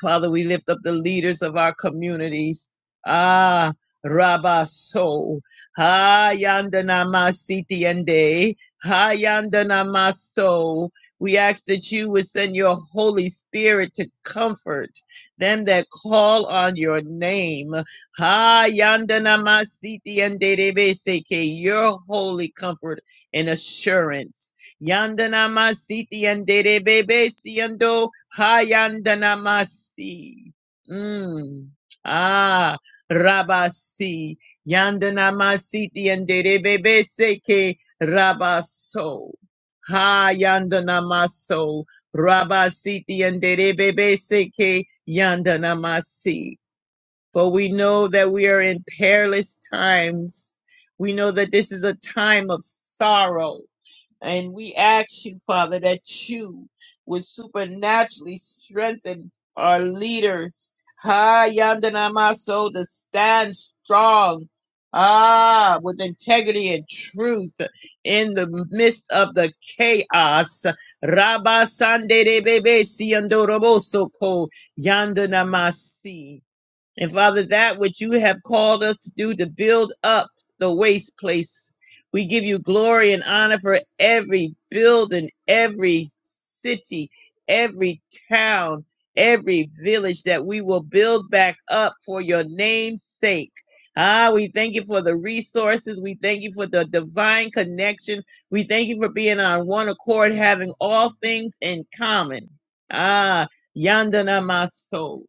Speaker 2: Father, we lift up the leaders of our communities. Ah, rabaso. So. Hayandanama Siti Ende. Hayandanama So. We ask that you would send your Holy Spirit to comfort them that call on your name. Hayandanama Siti Ende Debe Seke. Your holy comfort and assurance. Yandana masiti yandere bebe siyando hayandana masi. Mm. Ah, rabasi. Yandana masiti yandere bebe seke rabaso. Ha yandana maso. Rabasiti yandere bebe seke yandana masi. For we know that we are in perilous times. We know that this is a time of sorrow. And we ask you, Father, that you would supernaturally strengthen our leaders. Ha Yandanamaso to stand strong. Ah, with integrity and truth in the midst of the chaos. Rabba Sande de Bebe Siandoroboso Ko Yandanamasi. And Father, that which you have called us to do to build up the waste place, we give you glory and honor for every building, every city, every town, every village that we will build back up for your name's sake. Ah, we thank you for the resources. We thank you for the divine connection. We thank you for being on one accord, having all things in common. Ah, yandana my soul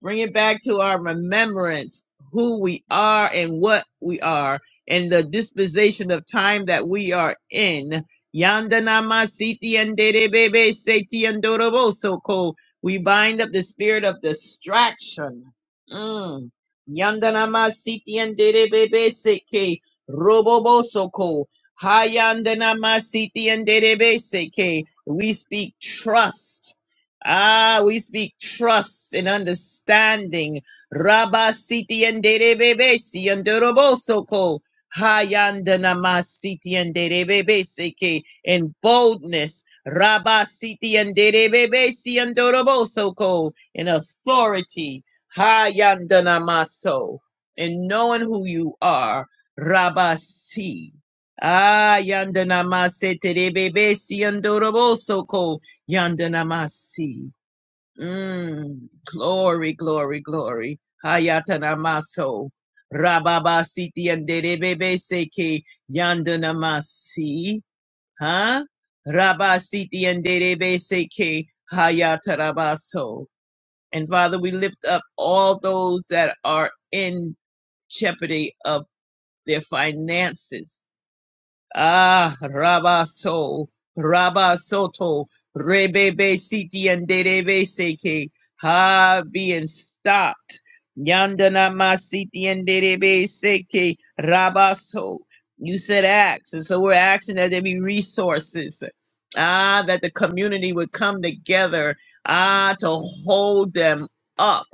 Speaker 2: bring it back to our remembrance who we are and what we are and the disposition of time that we are in. Yandanama siti anderebebe seti andorobo soko. We bind up the spirit of distraction. Mm. Yandanama siti anderebebe seke robobo soko. Hayandanama siti anderebe seke. We speak trust Ah, we speak trust and understanding. Rabba siti and derebebesi and derobosoko. Hayandanama siti and derebebeseke. In boldness. Rabba siti and derebebesi and derobosoko. In authority. Hayandanamaso. In knowing who you are. Rabba si. Ah, yandanama se terebebesi and derobosoko. Yandanamasi. Mm. Glory, glory, glory. Hayatanamaso. Rababasiti and Debebe Seke Yandanamasi. Huh? Rabasiti and Debebe Seke Hayatarabaso. And Father, we lift up all those that are in jeopardy of their finances Ah, Rabaso, Rabasoto, Rebebe Siti and Derebe Seke, ha being stopped. Yandana Masiti and Derebe Seke, Rabaso. You said ask, and so we're asking that there be resources. Ah, that the community would come together, ah, to hold them up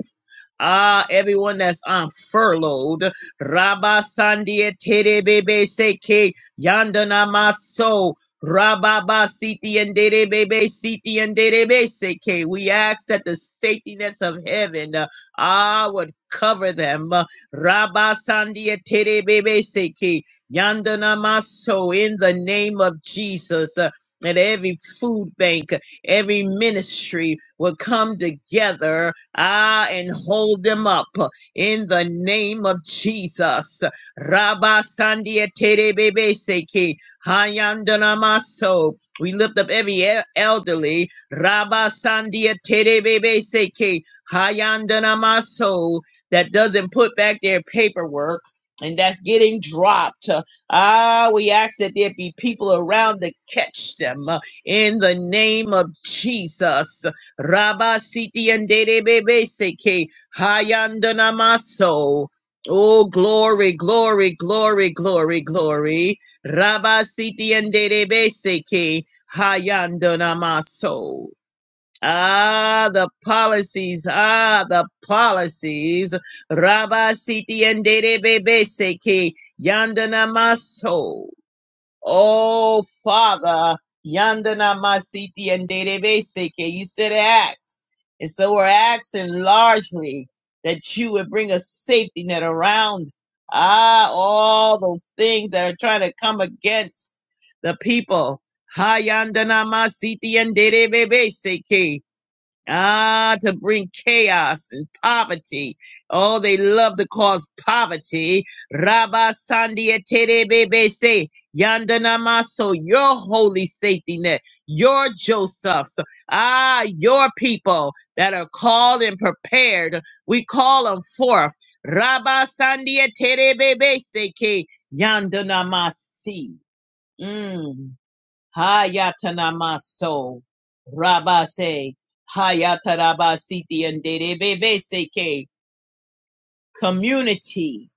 Speaker 2: Ah, everyone that's on furloughed. Rabba Sandia Tere Bebe Seke Yandana Maso. Rababa Siti and Dere Bebe, Siti and Dere Bebe Seke. We ask that the safety nets of heaven uh, ah would cover them. Uh, Rabba Sandia Tere Bebe Seke Yandana Maso in the name of Jesus. Uh, and every food bank, every ministry will come together Ah, and hold them up in the name of Jesus. Rabba Sandia Tere Bebe Seki Hayandana Maso. We lift up every e- elderly. Rabba Sandia Tere Bebe Seki Hayandana Maso that doesn't put back their paperwork. And that's getting dropped. Ah, we ask that there be people around to catch them uh, in the name of Jesus. Rabba Siti and Dede Bebe Seke Hayandana Maso. Oh glory, glory, glory, glory, glory. Rabba Siti and Dede Bebe Seke Hayandana Maso. Ah, the policies, ah, the policies. Rabba Siti and Dede Bebe Seke Yandana Maso. Oh, Father, Yandana Masiti and Dedebeseke, you said ask. And so we're asking largely that you would bring a safety net around ah, all those things that are trying to come against the people. Ha Yandana Masiti and Database, Ah, to bring chaos and poverty. Oh, they love to cause poverty. Rabba Sandia Terebe se Yandana Maso, your holy safety net, your Josephs, ah, your people that are called and prepared. We call them forth. Rabba Sandia Terebebe Seke Yandana Masi. Hayatanamaso Rabase Hayatarabasiti and Derebeseke community,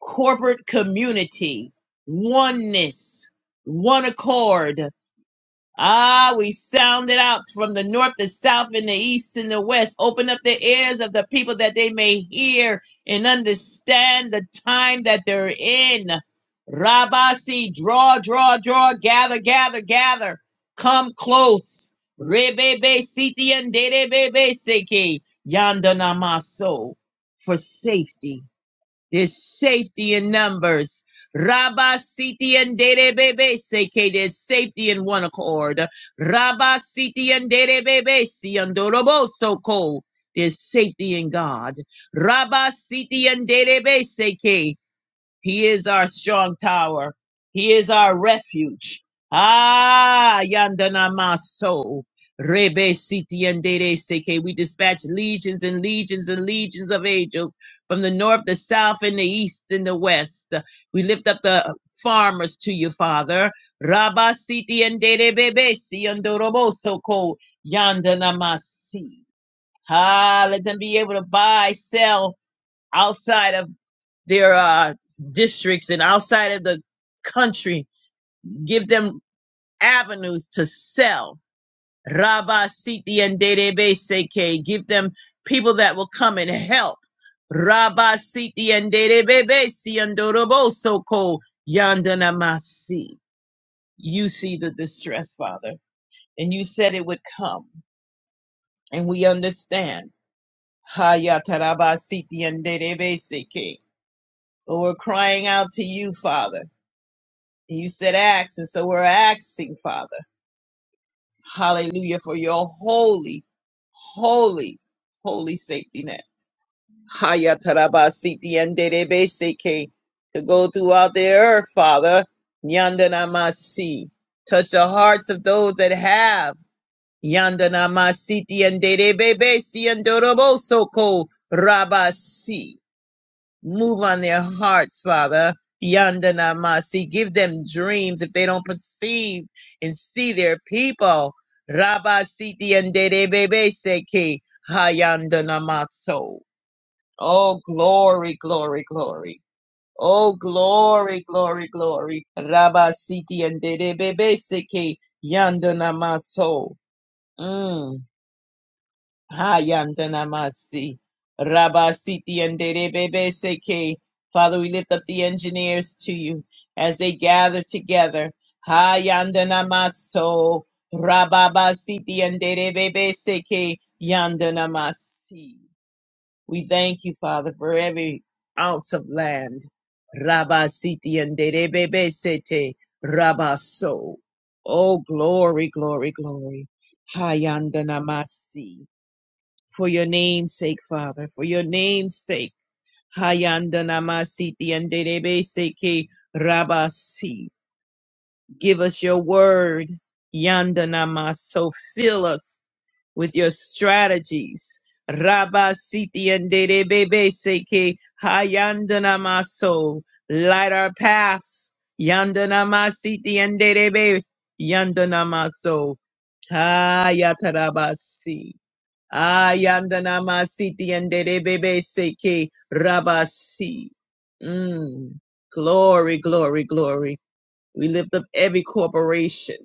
Speaker 2: corporate community, oneness, one accord. Ah, we sounded out from the north, the south, and the east, and the west. Open up the ears of the people that they may hear and understand the time that they're in. Rabasi, draw, draw, draw, gather, gather, gather. Come close. Rebebe siti and dedebebe seki. Yanda namaso. For safety. There's safety in numbers. Rabba siti and dere bebe seke. There's safety in one accord. Rabba siti and dere bebe si andorobo soko. There's safety in God. Rabba siti and dere bebe seke. He is our strong tower. He is our refuge. Ah, yandana maso. Rebe siti yandere seke. We dispatch legions and legions and legions of angels from the north, the south, and the east and the west. We lift up the farmers to you, Father. Rabba siti yandere bebe si yandoroboso ko yandana masi. Ah, let them be able to buy, sell outside of their uh, districts and outside of the country. Give them avenues to sell. Rabba Siti and Dedebe Seke. Give them people that will come and help. Rabba Siti and Dedebe Siandorobo Soko Yandanamasi. You see the distress, Father, and you said it would come, and we understand. Hayataraba Siti and Dedebe Seke. But we're crying out to you, Father You said ask, and so we're asking, Father. Hallelujah for your holy, holy, holy safety net. Haya taraba siti anderebe seke. To go throughout the earth, Father. Yandanamasi. Touch the hearts of those that have. Yandanamasiti anderebe si andorobo soko rabasi. Move on their hearts, Father. Yandana Masi. Give them dreams if they don't perceive and see their people. Rabba Siti and Dede Bebe Seki. Hayandana Maso. Oh, glory, glory, glory. Oh, glory, glory, glory. Rabba Siti and Dede Bebe Seki. Yandana Maso. Mm. Hayandanamasi. Rabasiti and Derebebe Seke. Father, we lift up the engineers to you as they gather together. Hayandanamaso. Rababasiti and Derebebe Seke. Yandanamasi. We thank you, Father, for every ounce of land. Rabasiti and Derebebe Sete. Rabaso. Oh, glory, glory, glory. Hayandanamasi for your name's sake, Father, for your name's sake. Hayandanamasiti and Derebeseke Rabasi. Give us your word. Yandanamaso. Fill us with your strategies. Rabasiti and Derebeseke Hayandanamaso. Light our paths. Yandanamasiti and Derebe. Yandanamaso. Hayatarabasi. Ayandana masiti and bebe seke rabasi. Mm. Glory, glory, glory. We lift up every corporation.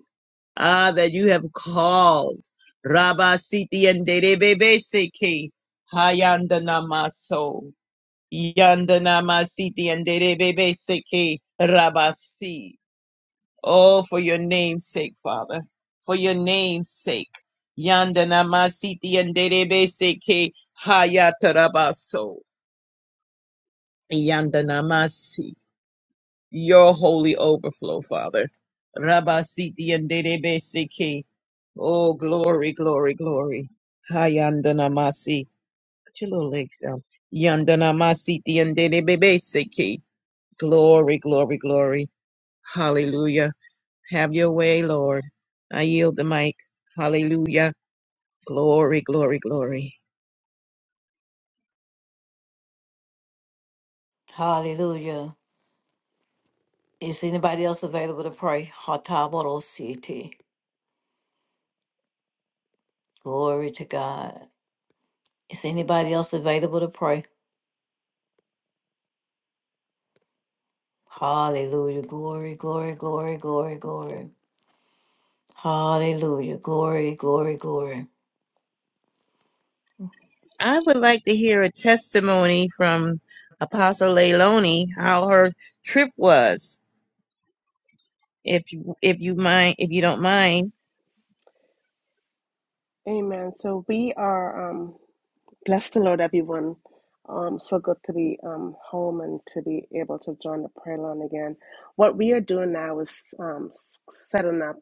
Speaker 2: Ah, that you have called. Rabasiti and bebe seke. Hayandana maso. Yandana masiti and bebe seke rabasi. Oh, for your name's sake, Father, for your name's sake. Yandana masiti yanderebe seke hayatarabaso. Yandana masi. Your holy overflow, Father. Rabasiti yanderebe seke. Oh, glory, glory, glory. Hayandana masi. Put your little legs down. Yandana masiti yanderebe seke. Glory, glory, glory. Hallelujah. Have your way, Lord. I yield the mic. Hallelujah. Glory, glory, glory.
Speaker 1: Hallelujah. Is anybody else available to pray? Hatabodosiete. Glory to God. Is anybody else available to pray? Hallelujah. Glory, glory, glory, glory, glory. Hallelujah. Glory, glory, glory.
Speaker 2: I would like to hear a testimony from Apostle Leilani how her trip was. If you if you mind if you don't mind.
Speaker 3: Amen. So we are um, bless the Lord, everyone. Um, so good to be um, home and to be able to join the prayer line again. What we are doing now is um, s- setting up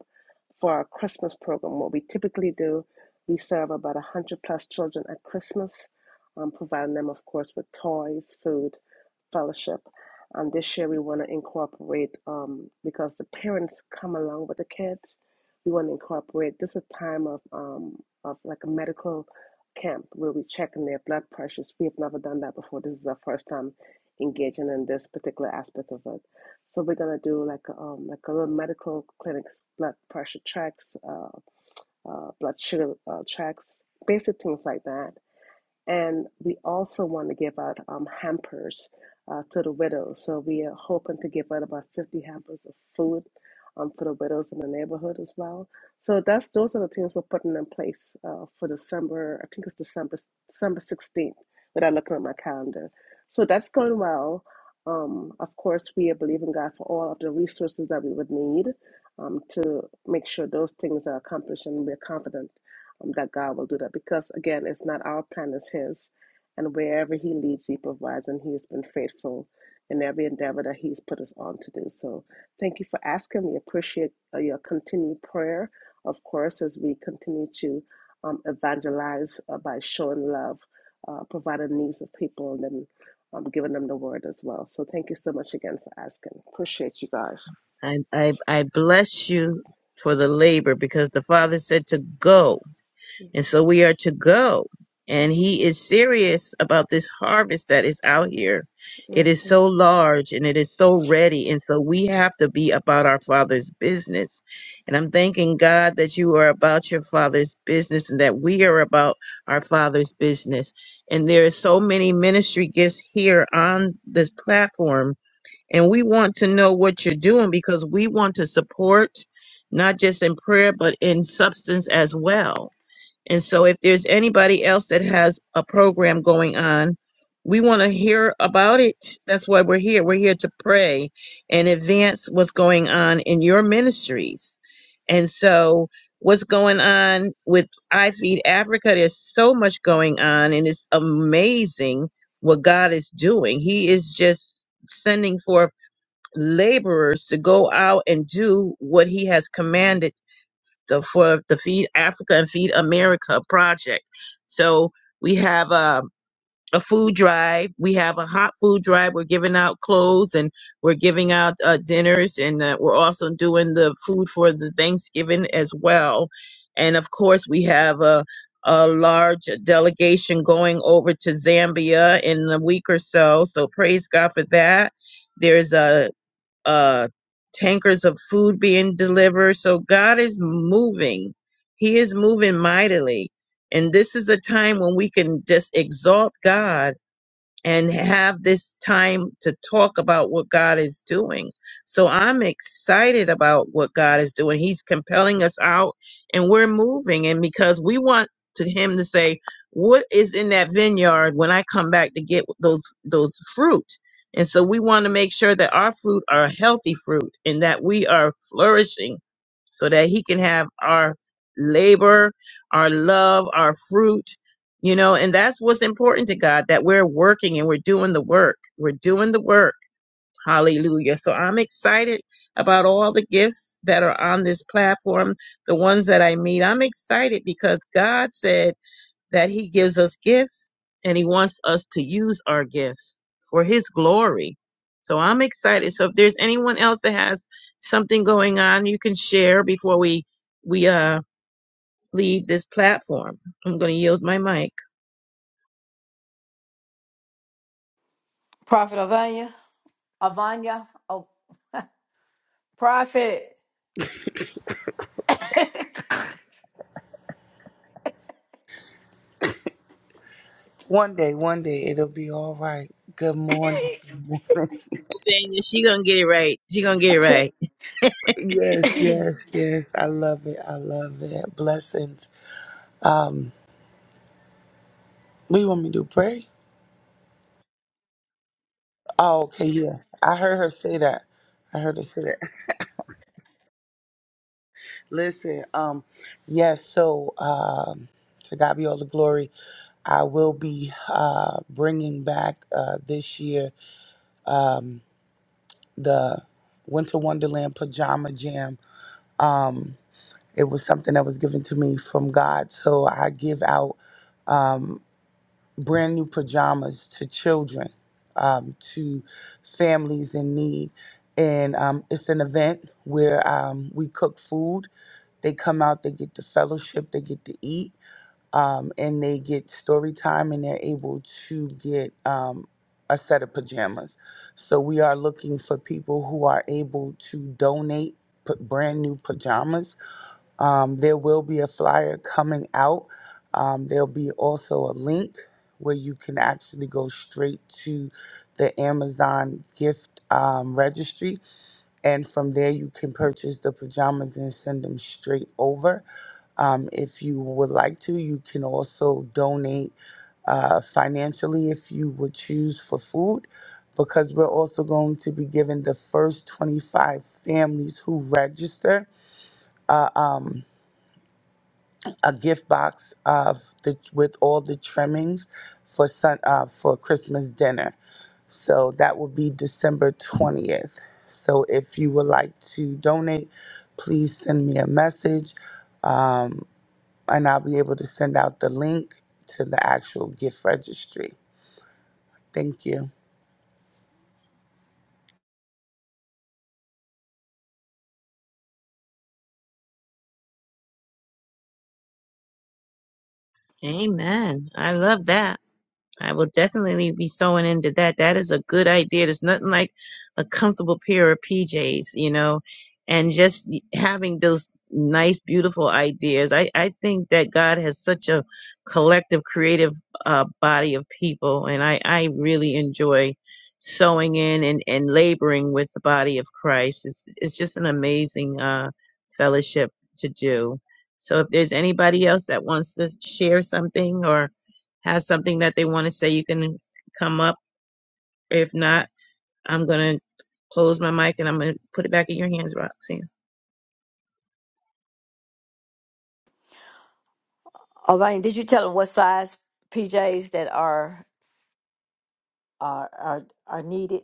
Speaker 3: for our Christmas program. What we typically do, we serve about a hundred plus children at Christmas, um, providing them, of course, with toys, food, fellowship. And this year we want to incorporate um, because the parents come along with the kids. We want to incorporate this is a time of um, of like a medical camp where we check in their blood pressures. We have never done that before. This is our first time engaging in this particular aspect of it. So we're gonna do like a, um, like a little medical clinic, blood pressure checks, uh, uh, blood sugar uh, checks, basic things like that and we also want to give out um, hampers uh, to the widows. So we are hoping to give out about 50 hampers of food um, for the widows in the neighborhood as well. So that's those are the things we're putting in place uh, for December. I think it's December December 16th without looking at my calendar. So that's going well. Um, of course, we are believing God for all of the resources that we would need um, to make sure those things are accomplished, and we're confident um, that God will do that because, again, it's not our plan, it's His. And wherever He leads, He provides, and He has been faithful in every endeavor that He's put us on to do. So thank you for asking. We appreciate uh, your continued prayer, of course, as we continue to um, evangelize uh, by showing love, uh, providing the needs of people, and then um, giving them the word as well. So thank you so much again for asking. Appreciate you guys.
Speaker 2: I, I, I bless you for the labor because the Father said to go. And so we are to go. And He is serious about this harvest that is out here. It is
Speaker 3: hmm
Speaker 2: so large and it is so ready. And so we have to be about our Father's business. And I'm thanking God that you are about your Father's business and that we are about our Father's business. And there are so many ministry gifts here on this platform and we want to know what you're doing because we want to support not just in prayer but in substance as well and so if there's anybody else that has a program going on we want to hear about it that's why we're here we're here to pray and advance what's going on in your ministries and so what's going on with i feed africa there's so much going on and it's amazing what god is doing he is just sending forth laborers to go out and do what he has commanded the, for the Feed Africa and Feed America project. So we have a, a food drive. We have a hot food drive. We're giving out clothes and we're giving out uh, dinners and uh, we're also doing the food for the Thanksgiving as well. And of course, we have a, a large delegation going over to Zambia in a week or so. So praise God for that. There's uh, tankers of food being delivered. So God is moving. He is moving mightily. And this is a time when we can just exalt God and have this time to talk about what God is doing. So I'm excited about what God is doing. He's compelling us out and we're moving. And because we want to him to say, what is in that vineyard when I come back to get those those fruit? And so we want to make sure that our fruit are healthy fruit and that we are flourishing so that he can have our labor, our love, our fruit you know, and that's what's important to God that we're working and we're doing the work. We're doing the work. Hallelujah. So I'm excited about all the gifts that are on this platform, the ones that I meet. I'm excited because God said that He gives us gifts and He wants us to use our gifts for His glory. So I'm excited. So if there's anyone else that has something going on, you can share before we we uh leave this platform. I'm going to yield my mic.
Speaker 1: Prophet Avanya, Avanya, oh, Prophet.
Speaker 4: One day, one day, it'll be all right. Good morning.
Speaker 2: Daniel, she gonna get it right. She gonna get it right.
Speaker 4: Yes, yes, yes. I love it. I love it. Blessings. Um, what you want me to do? Pray? Oh, okay, yeah. I heard her say that. I heard her say that. Listen, um, yes, so um to God be all the glory. I will be uh bringing back uh this year um the Winter Wonderland Pajama Jam. Um it was something that was given to me from God. So I give out um, brand new pajamas to children, um, to families in need. And um, it's an event where um, we cook food. They come out, they get to fellowship, they get to eat, um, and they get story time, and they're able to get um, a set of pajamas. So we are looking for people who are able to donate p- brand new pajamas um, there will be a flyer coming out. Um, there'll be also a link where you can actually go straight to the Amazon gift um, registry. And from there, you can purchase the pajamas and send them straight over. Um, if you would like to, you can also donate uh, financially if you would choose for food, because we're also going to be giving the first 25 families who register. Uh, um, a gift box of the with all the trimmings for sun uh, for Christmas dinner. So that will be December 20th. So if you would like to donate, please send me a message um, and I'll be able to send out the link to the actual gift registry. Thank you.
Speaker 2: Amen. I love that. I will definitely be sewing into that. That is a good idea. There's nothing like a comfortable pair of PJs, you know, and just having those nice, beautiful ideas. I, I think that God has such a collective, creative uh, body of people, and I, I really enjoy sewing in and, and laboring with the body of Christ. It's, it's just an amazing uh, fellowship to do. So if there's anybody else that wants to share something or has something that they want to say, you can come up. If not, I'm going to close my mic and I'm going to put it back in your hands, Roxanne.
Speaker 1: Avanya, did you tell them what size PJs that are are are, are needed?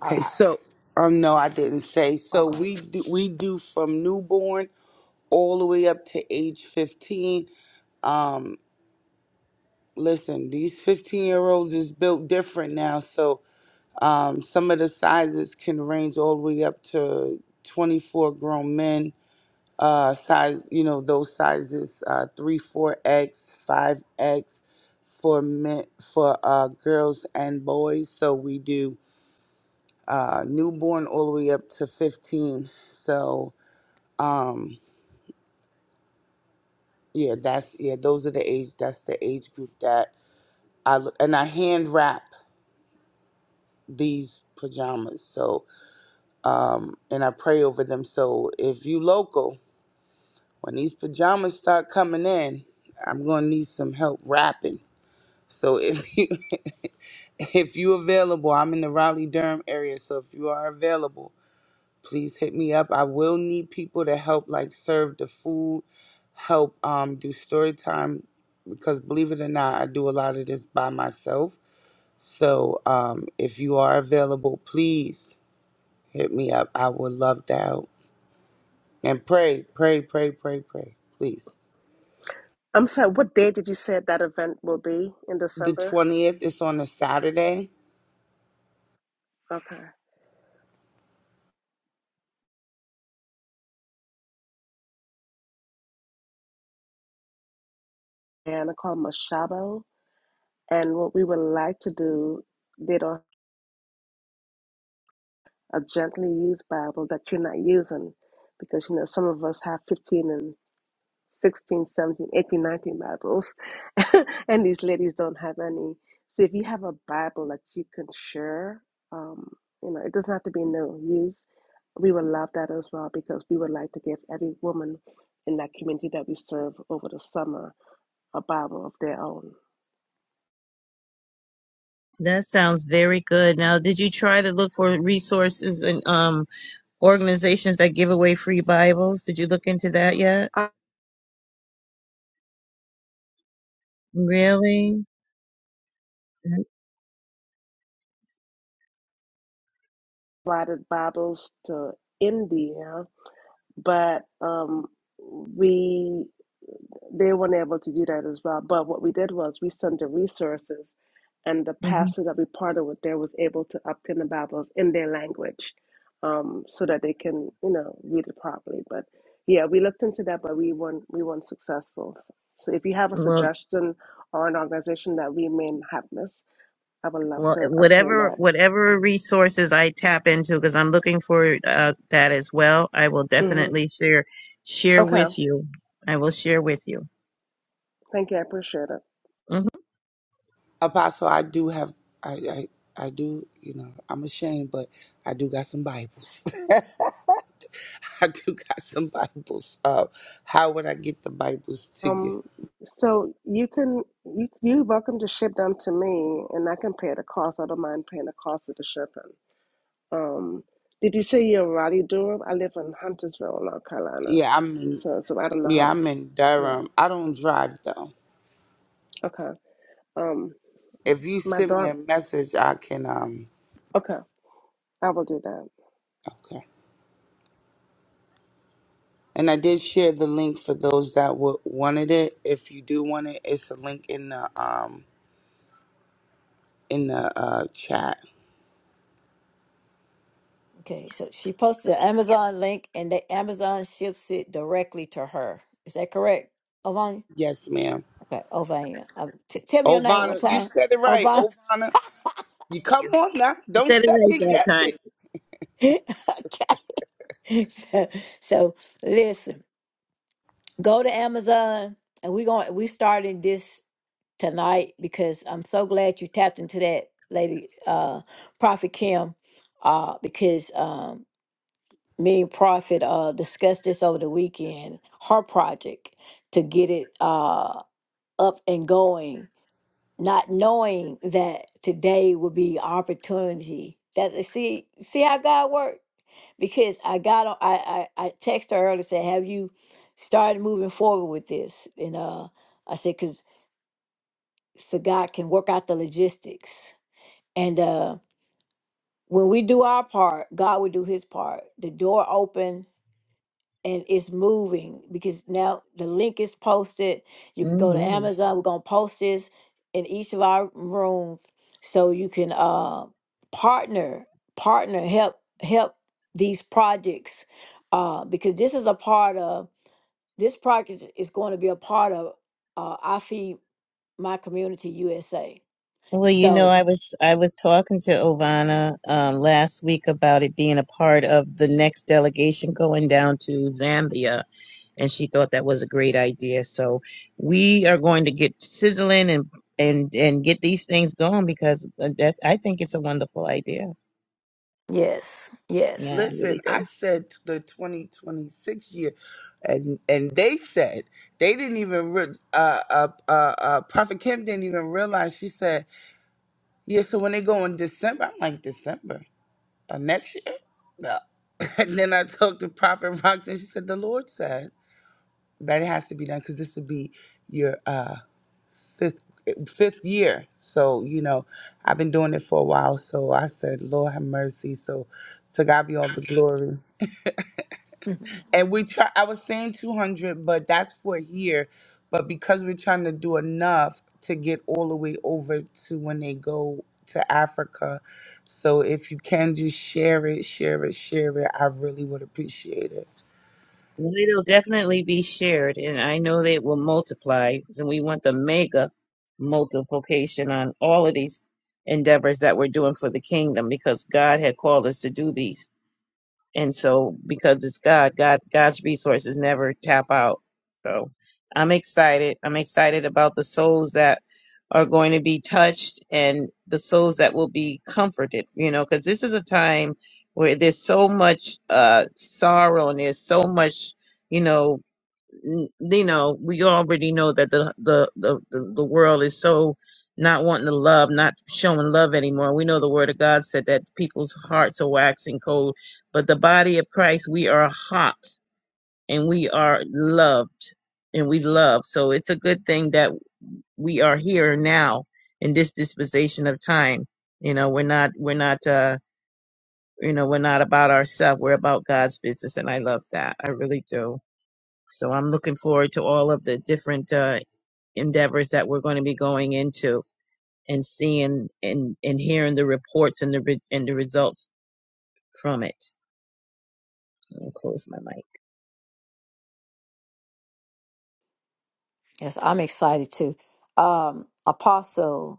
Speaker 1: Are, are-
Speaker 4: so um no, I didn't say. So
Speaker 1: okay.
Speaker 4: we do, we do from newborn all the way up to age 15. Um listen, these 15 year olds is built different now. So um, some of the sizes can range all the way up to 24 grown men. Uh, size, you know, those sizes, uh, three, four X, five X for men, for, uh, girls and boys. So we do, uh, newborn all the way up to 15. So, um, yeah, that's, yeah, those are the age, that's the age group that I, and I hand wrap these pajamas. So, um, and I pray over them. So, if you local, when these pajamas start coming in, I'm gonna need some help wrapping. So, if you if you available, I'm in the Raleigh Durham area. So, if you are available, please hit me up. I will need people to help, like serve the food, help um, do story time, because believe it or not, I do a lot of this by myself. So, um, if you are available, please. Hit me up. I would love to help. And pray, pray, pray, pray, pray, please.
Speaker 3: I'm sorry, what day did you say that event will be in
Speaker 4: The
Speaker 3: December?
Speaker 4: 20th is on a Saturday.
Speaker 3: Okay. Anna called Mashabo. And what we would like to do, they don't a gently used Bible that you're not using because you know some of us have 15 and 16, 17, 18, 19 Bibles, and these ladies don't have any. So if you have a Bible that you can share, um, you know, it doesn't have to be new used. We would love that as well because we would like to give every woman in that community that we serve over the summer a Bible of their own.
Speaker 2: That sounds very good. Now, did you try to look for resources and um, organizations that give away free Bibles? Did you look into that yet? Really? Mhm.
Speaker 3: provided Bibles to India, but um, we they weren't able to do that as well. But what we did was we sent the resources, and the
Speaker 2: Mhm.
Speaker 3: pastor that we partnered with there was able to obtain the Bibles in their language, um, so that they can you know read it properly. But yeah, we looked into that, but we weren't we weren't successful. So, so if you have a
Speaker 2: Well,
Speaker 3: suggestion or an organization that we may have missed, I would love
Speaker 2: well,
Speaker 3: to obtain
Speaker 2: whatever
Speaker 3: that.
Speaker 2: whatever resources I tap into, because I'm looking for uh, that as well. I will
Speaker 3: hmm
Speaker 2: definitely share share
Speaker 3: Okay,
Speaker 2: with you. I will share with you.
Speaker 3: thank you. I appreciate it.
Speaker 2: hmm
Speaker 4: Apostle, I do have, I, I, I do, you know, I'm ashamed, but I do got some Bibles. I do got some Bibles. Uh, how would I get the Bibles to you?
Speaker 3: Um, so you can you you welcome to ship them to me, and I can pay the cost. I don't mind paying the cost of the shipping. Um, did you say you're in Raleigh, Durham? I live in Huntersville, North Carolina,
Speaker 4: Yeah, I'm in,
Speaker 3: so so I don't know
Speaker 4: yeah,
Speaker 3: how.
Speaker 4: I'm in Durham.
Speaker 3: Yeah.
Speaker 4: I don't drive though.
Speaker 3: Okay. Um,
Speaker 4: If you
Speaker 3: my
Speaker 4: send me a
Speaker 3: dog.
Speaker 4: message, I can um.
Speaker 3: Okay, I will do that.
Speaker 4: Okay. And I did share the link for those that w- wanted it. If you do want it, it's a link in the um in the uh chat.
Speaker 1: Okay, so she posted an Amazon link and the Amazon ships it directly to her. Is that correct, Avanya?
Speaker 4: Yes, ma'am.
Speaker 1: Okay, Avanya. Um, t- tell me your name one more
Speaker 4: Ovana, you
Speaker 1: time.
Speaker 4: said it right.
Speaker 1: Avanya.
Speaker 4: Ovana, you
Speaker 2: Thank
Speaker 4: come
Speaker 2: you.
Speaker 4: on now.
Speaker 2: You
Speaker 4: Don't
Speaker 2: said it right
Speaker 4: second
Speaker 2: that
Speaker 4: guess
Speaker 2: time.
Speaker 4: it.
Speaker 1: okay. So, so listen. Go to Amazon, and we're going. We starting this tonight because I'm so glad you tapped into that, lady, uh, Prophet Kim, uh, because um, me and Prophet uh discussed this over the weekend. Her project to get it uh up and going not knowing that today would be opportunity. That uh, see see how God worked because I got on. I I, I texted her earlier said, "Have you started moving forward with this?" And uh, I said, "Cause so God can work out the logistics." And uh, when we do our part, God will do His part. The door open and it's moving because now the link is posted. You can go to
Speaker 2: hmm
Speaker 1: Amazon. We're gonna post this in each of our rooms so you can uh, partner, partner, help, help these projects uh, because this is a part of this project is going to be a part of uh, I feed my community USA.
Speaker 2: Well, you know,
Speaker 1: So
Speaker 2: I was I was talking to Ovana um, last week about it being a part of the next delegation going down to Zambia, and she thought that was a great idea. So we are going to get sizzling and and and get these things going because uh, that I think it's a wonderful idea.
Speaker 1: yes,
Speaker 2: Yeah,
Speaker 1: yes,
Speaker 2: I really
Speaker 4: Listen,
Speaker 2: do.
Speaker 4: I said the 2026 year, and and they said they didn't even re- uh, uh uh uh Prophet Kim didn't even realize. She said, "Yeah." So when they go in December, I'm like December. uh, next year. No. And then I talked to Prophet Roxanne. She said, The Lord said that it has to be done because this would be your uh, fifth fifth year. So, you know, I've been doing it for a while. So I said, Lord have mercy. So to God be all the glory.
Speaker 1: Mhm.
Speaker 4: And we try. I was saying two hundred, but that's for here. But because we're trying to do enough to get all the way over to when they go to Africa, so if you can just share it, share it, share it. I really would appreciate it.
Speaker 2: Well, it'll definitely be shared, and I know that it will multiply, and we want the mega multiplication on all of these endeavors that we're doing for the kingdom because God had called us to do these and so because it's god god god's resources never tap out so i'm excited i'm excited about the souls that are going to be touched and the souls that will be comforted you know because this is a time where there's so much uh sorrow and there's so much you know n- you know, we already know that the the the the, the world is so not wanting to love, not showing love anymore. We know the word of God said that people's hearts are waxing cold, but the body of Christ, we are hot and we are loved and we love. So it's a good thing that we are here now in this dispensation of time. You know, we're not we're not uh you know, we're not about ourselves. We're about God's business and I love that. I really do. So I'm looking forward to all of the different uh, endeavors that we're going to be going into and seeing and, and hearing the reports and the re- and the results from it. I'll close my mic.
Speaker 1: yes, I'm excited too. Um, Apostle.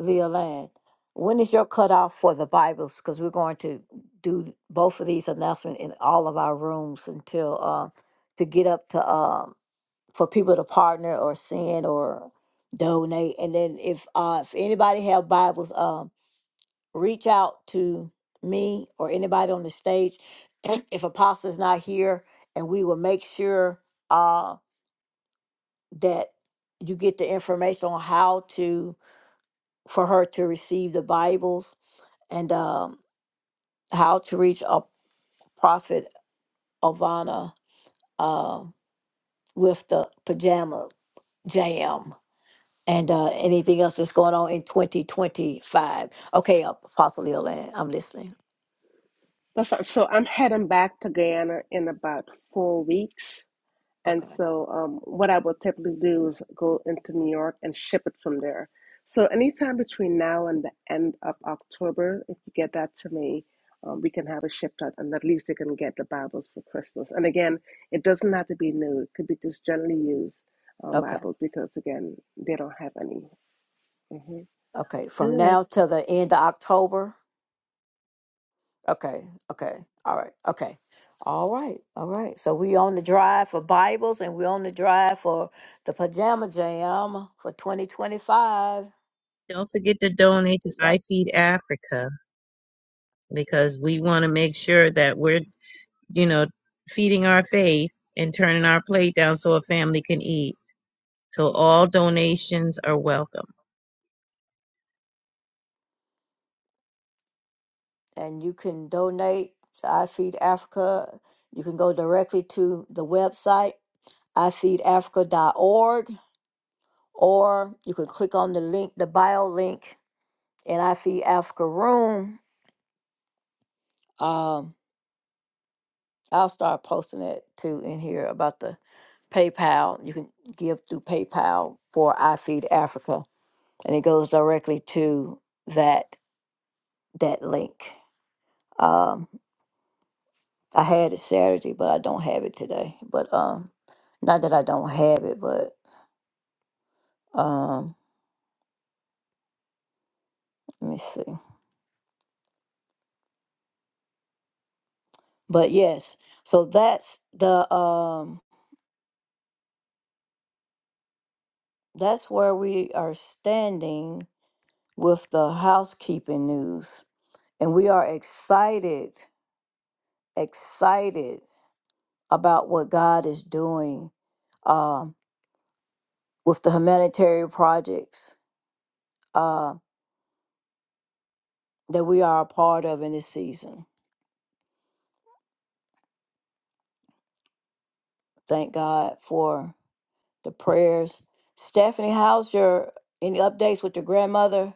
Speaker 1: Violan, when is your cutoff for the Bibles? Because we're going to do both of these announcements in all of our rooms until uh, to get up to um, for people to partner or send or donate. And then if uh, if anybody have Bibles, um, reach out to me or anybody on the stage. if Apostle is not here, and we will make sure uh, that you get the information on how to for her to receive the Bibles and um, how to reach a prophet Ovana uh, with the pajama jam and uh, anything else that's going on in 2025. Okay, Apostle Leland, I'm listening.
Speaker 3: That's fine. So I'm heading back to Guyana in about four weeks. And
Speaker 1: Okay,
Speaker 3: so, um, what I will typically do is go into New York and ship it from there. So, anytime between now and the end of October, if you get that to me, um, we can have it shipped out, and at least they can get the Bibles for Christmas. And again, it doesn't have to be new, it could be just generally used um,
Speaker 1: okay,
Speaker 3: Bibles because, again, they don't have any. hmm
Speaker 1: okay.
Speaker 2: Sounds
Speaker 1: From
Speaker 2: good.
Speaker 1: now till the end of October. Okay, okay, all right, okay. All right, all right. So we on the drive for Bibles and we on the drive for the pajama jam for 2025.
Speaker 2: Don't forget to donate to I Feed Africa because we want to make sure that we're you know feeding our faith and turning our plate down so a family can eat. So all donations are welcome.
Speaker 1: and you can donate to I Feed Africa. You can go directly to the website, i feed africa dot org, or you can click on the link, the bio link in I Feed Africa Room. Um, I'll start posting it too in here about the PayPal. You can give through PayPal for I Feed Africa, and it goes directly to that that link. Um. I had it Saturday, but I don't have it today. But um, not that I don't have it, but um, let me see. But yes, so that's the um, that's where we are standing with the housekeeping news, and we are excited, excited about what God is doing um with the humanitarian projects uh, that we are a part of in this season. Thank God for the prayers. Stephanie, how's your any updates with your grandmother?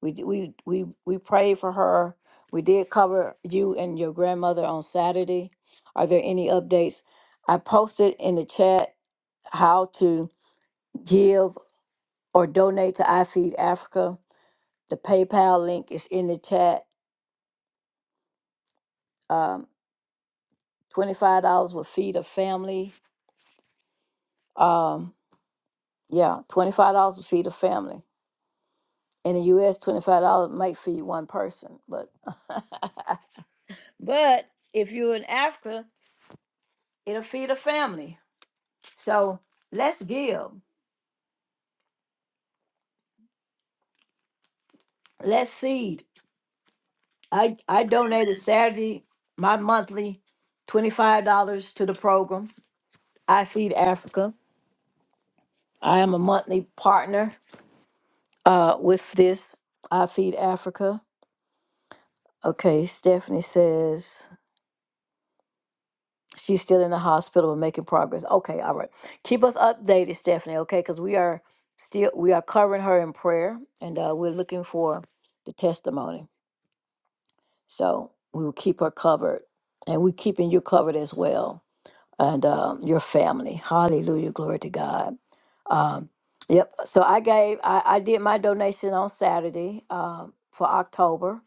Speaker 1: We d- we we we prayed for her. We did cover you and your grandmother on Saturday. Are there any updates? I posted in the chat how to give or donate to iFeed Africa. The PayPal link is in the chat. Um, Twenty five dollars will feed a family. Um, yeah, twenty five dollars will feed a family in the US, $25 might feed one person, but but if you're in Africa, it'll feed a family. So let's give, let's seed. I I donated Saturday my monthly $25 to the program. I Feed Africa. I am a monthly partner uh, with this I Feed Africa. Okay, Stephanie says. She's still in the hospital but making progress. Okay, all right. Keep us updated, Stephanie. Okay, because we are still we are covering her in prayer, and uh, we're looking for the testimony. So we will keep her covered, and we're keeping you covered as well, and um, your family. Hallelujah, glory to God. Um, yep. So I gave I, I did my donation on Saturday um, for October.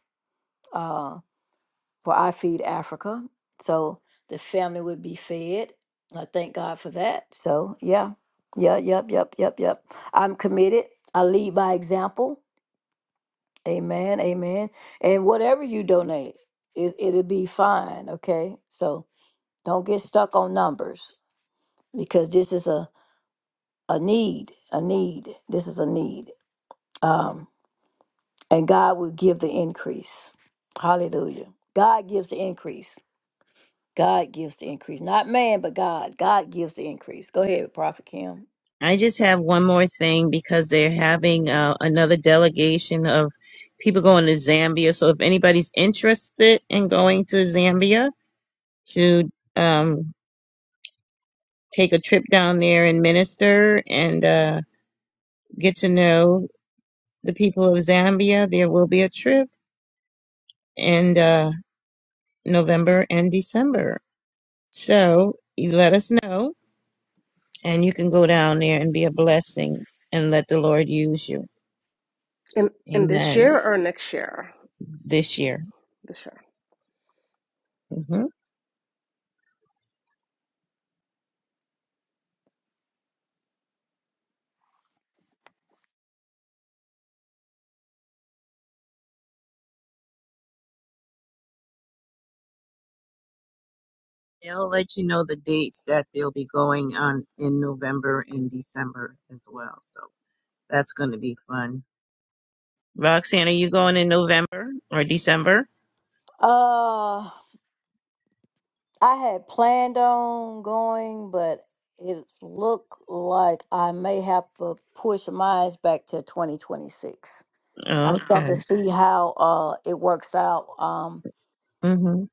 Speaker 1: Uh, for I Feed Africa. So the family would be fed. I thank God for that. So yeah, yeah, yep, yep, yep, yep. I'm committed. I lead by example. Amen, amen. And whatever you donate, it, it'll be fine. Okay, so don't get stuck on numbers because this is a a need, a need. This is a need. Um, and God will give the increase. Hallelujah. God gives the increase. God gives the increase, not man, but God. God gives the increase. Go ahead, Prophet Kim.
Speaker 2: I just have one more thing because they're having uh, another delegation of people going to Zambia. So if anybody's interested in going to Zambia to um, take a trip down there and minister and uh, get to know the people of Zambia, there will be a trip in uh, November and December. So you let us know, and you can go down there and be a blessing and let the Lord use you.
Speaker 3: In, in this
Speaker 2: Amen.
Speaker 3: year or next year?
Speaker 2: This year.
Speaker 3: This year.
Speaker 2: hmm They'll let you know the dates that they'll be going on in November and December as well. So that's going to be fun. Roxanne, are you going in November or December?
Speaker 1: Uh, I had planned on going, but it looked like I may have to push mine back to 2026. I just got
Speaker 2: Okay.
Speaker 1: to see how uh it works out um
Speaker 2: Mhm.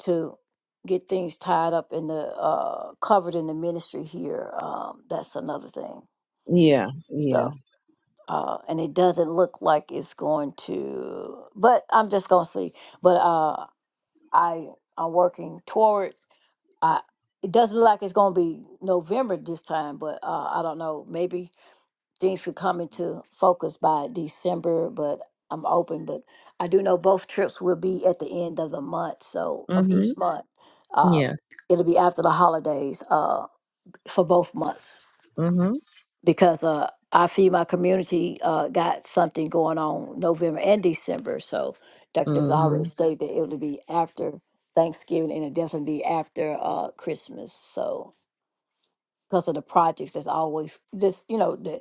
Speaker 1: to get things tied up in the uh covered in the ministry here. Um, that's another thing.
Speaker 2: Yeah. Yeah.
Speaker 1: So, uh, and it doesn't look like it's going to. But I'm just gonna see. But uh, I I'm working toward. I it doesn't look like it's gonna be November this time. But uh, I don't know. Maybe things could come into focus by December. But I'm open. But I do know both trips will be at the end of the month. So of
Speaker 2: Mhm.
Speaker 1: each month, uh,
Speaker 2: Yes.
Speaker 1: it'll be after the holidays. Uh, for both months
Speaker 2: Mhm.
Speaker 1: because uh, I Feed My Community uh, got something going on November and December. So Dr. already
Speaker 2: Mhm.
Speaker 1: stated that it would be after Thanksgiving and it definitely be after uh, Christmas. So because of the projects that's always just, you know, that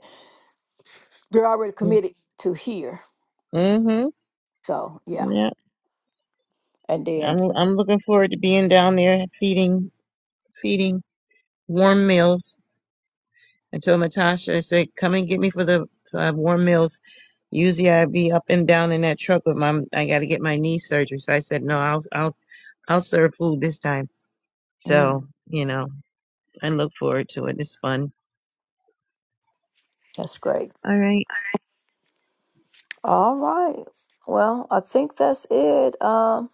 Speaker 1: they're already committed to here.
Speaker 2: Mhm.
Speaker 1: So yeah.
Speaker 2: Yeah.
Speaker 1: And then,
Speaker 2: I'm
Speaker 1: so-
Speaker 2: I'm looking forward to being down there feeding feeding warm meals. I told Natasha, I said, come and get me for the uh, warm meals. Usually I'd be up and down in that truck with my, I got to get my knee surgery. So I said, no, I'll, I'll, I'll serve food this time. So,
Speaker 1: mm,
Speaker 2: you know, I look forward to it. It's fun.
Speaker 1: that's great.
Speaker 2: All right.
Speaker 1: All right. Well, I think that's it. Um,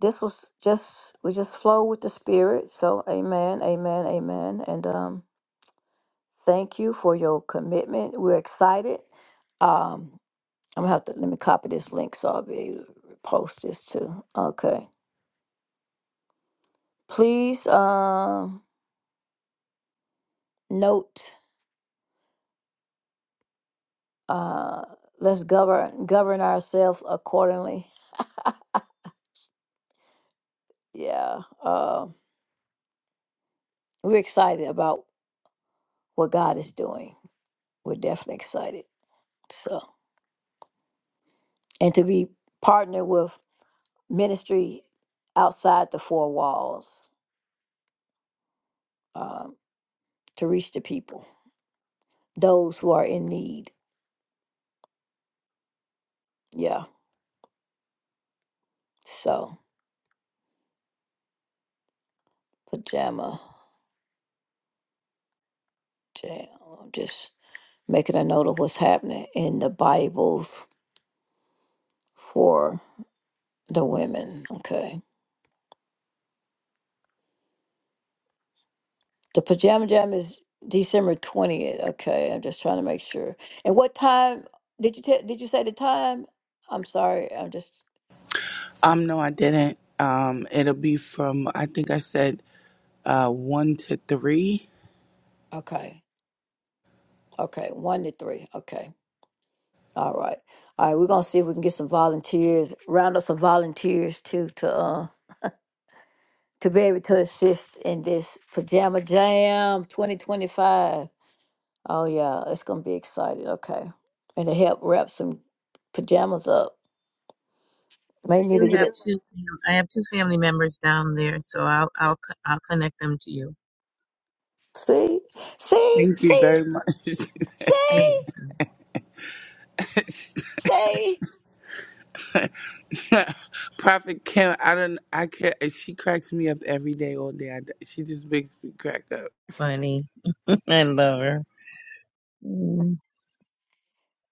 Speaker 1: this was just, we just flow with the spirit. So amen, amen, amen. And, um, Thank you for your commitment. We're excited. Um, I'm gonna have to let me copy this link so I'll be able to post this too. Okay. Please um note uh let's govern govern ourselves accordingly. Yeah. Uh, we're excited about what God is doing. We're definitely excited. So and to be partnered with ministry outside the four walls um, to reach the people, those who are in need Yeah. So pajama jam. I'm just making a note of what's happening in the Bibles for the women. Okay. The pajama jam is December twentieth. Okay. I'm just trying to make sure. And what time did you tell did you say the time? I'm sorry. I'm just
Speaker 4: Um, no, I didn't. Um, it'll be from I think I said uh one to three.
Speaker 1: okay. Okay. One to three. Okay. All right. All right. We're gonna see if we can get some volunteers. Round up some volunteers too to uh to be able to assist in this pajama jam 2025 oh yeah it's gonna be exciting okay and to help wrap some pajamas up may
Speaker 2: I
Speaker 1: need to
Speaker 2: do
Speaker 1: get
Speaker 2: have
Speaker 1: it
Speaker 2: two, fam- I have two family members down there. So I'll, I'll, co- I'll connect them to you.
Speaker 1: see see
Speaker 4: Thank you
Speaker 1: see
Speaker 4: very much,
Speaker 2: You're
Speaker 1: see
Speaker 2: welcome.
Speaker 1: see
Speaker 4: Prophet Kim. I don't. I can't. She cracks me up every day, all day. I, she just makes me crack up.
Speaker 2: Funny. I love her.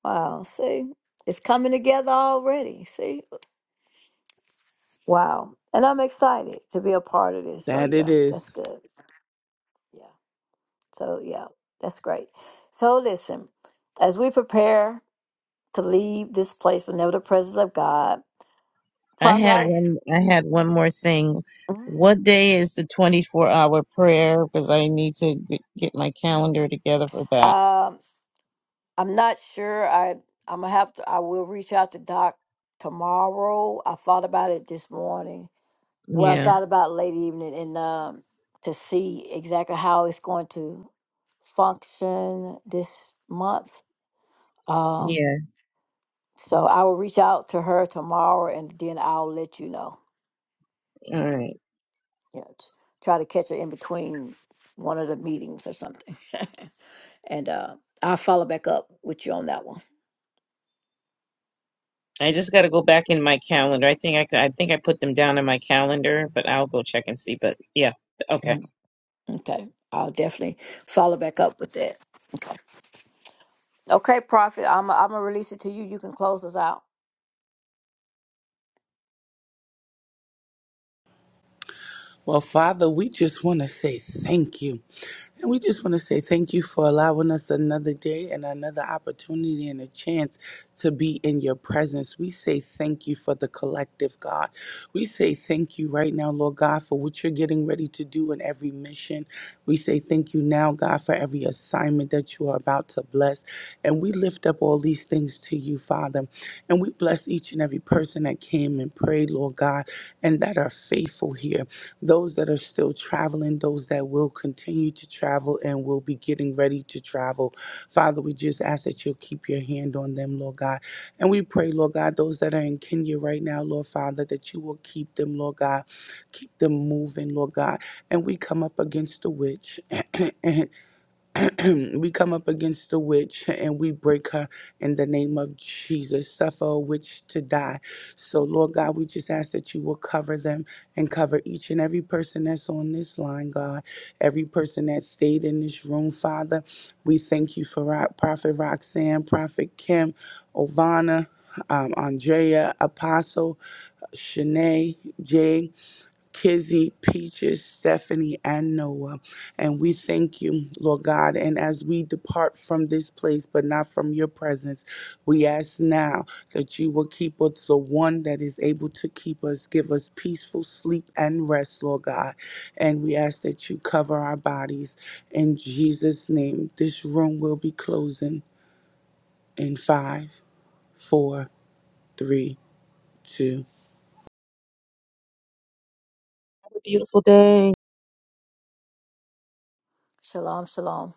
Speaker 1: wow see it's coming together already see wow and i'm excited to be a part of this so
Speaker 4: That it
Speaker 1: yeah
Speaker 4: is.
Speaker 1: that's good yeah so yeah that's great so listen as we prepare to leave this place but never the presence of God.
Speaker 2: I
Speaker 1: Prophet,
Speaker 2: had
Speaker 1: I
Speaker 2: one. I had one more thing.
Speaker 1: Mhm.
Speaker 2: What day is the twenty-four hour prayer? Because I need to g- get my calendar together for that.
Speaker 1: um I'm not sure. I I'm gonna have to I will reach out to Doc tomorrow. I thought about it this morning. Well I Yeah.
Speaker 2: Yeah.
Speaker 1: thought about it late evening and um to see exactly how it's going to function this month. Um
Speaker 2: Yeah.
Speaker 1: so I will reach out to her tomorrow and then I'll let you know.
Speaker 2: All right.
Speaker 1: Yeah. t- Try to catch her in between one of the meetings or something. and uh, I'll follow back up with you on that one.
Speaker 2: I just got to go back in my calendar. I think I c- I think I put them down in my calendar, but I'll go check and see. But yeah. Okay. Have
Speaker 1: Mhm. Okay, I'll definitely follow back up with that. Okay, okay, Prophet, I'm i I'm gonna release it to you. You can close us out.
Speaker 4: Well, Father, we just want to say thank you. And we just want to say thank you for allowing us another day and another opportunity and a chance to be in your presence. We say thank you for the collective, God. We say thank you right now, Lord God, for what you're getting ready to do in every mission. We say thank you now, God, for every assignment that you are about to bless. And we lift up all these things to you, Father. And we bless each and every person that came and prayed, Lord God, and that are faithful here those that are still traveling, those that will continue to travel and will be getting ready to travel. Father, we just ask that you'll keep your hand on them, Lord God. And we pray, Lord God, those that are in Kenya right now, Lord Father, that you will keep them, Lord God. Keep them moving, Lord God. And we come up against the witch and we come up against the witch and we break her in the name of Jesus. Suffer a witch to die. So, Lord God, we just ask that you will cover them and cover each and every person that's on this line, God. Every person that stayed in this room, Father. We thank you for Ro- Prophet Roxanne, Prophet Kim, Ovana. Um, Andrea, Apostle, Shanae, Jay, Kizzy, Peaches, Stephanie, and Noah. And we thank you, Lord God. And as we depart from this place, but not from your presence, we ask now that you will keep us the one that is able to keep us, give us peaceful sleep and rest, Lord God. And we ask that you cover our bodies. In Jesus' name, this room will be closing in five, four, three, two.
Speaker 2: a beautiful day.
Speaker 1: Shalom, shalom.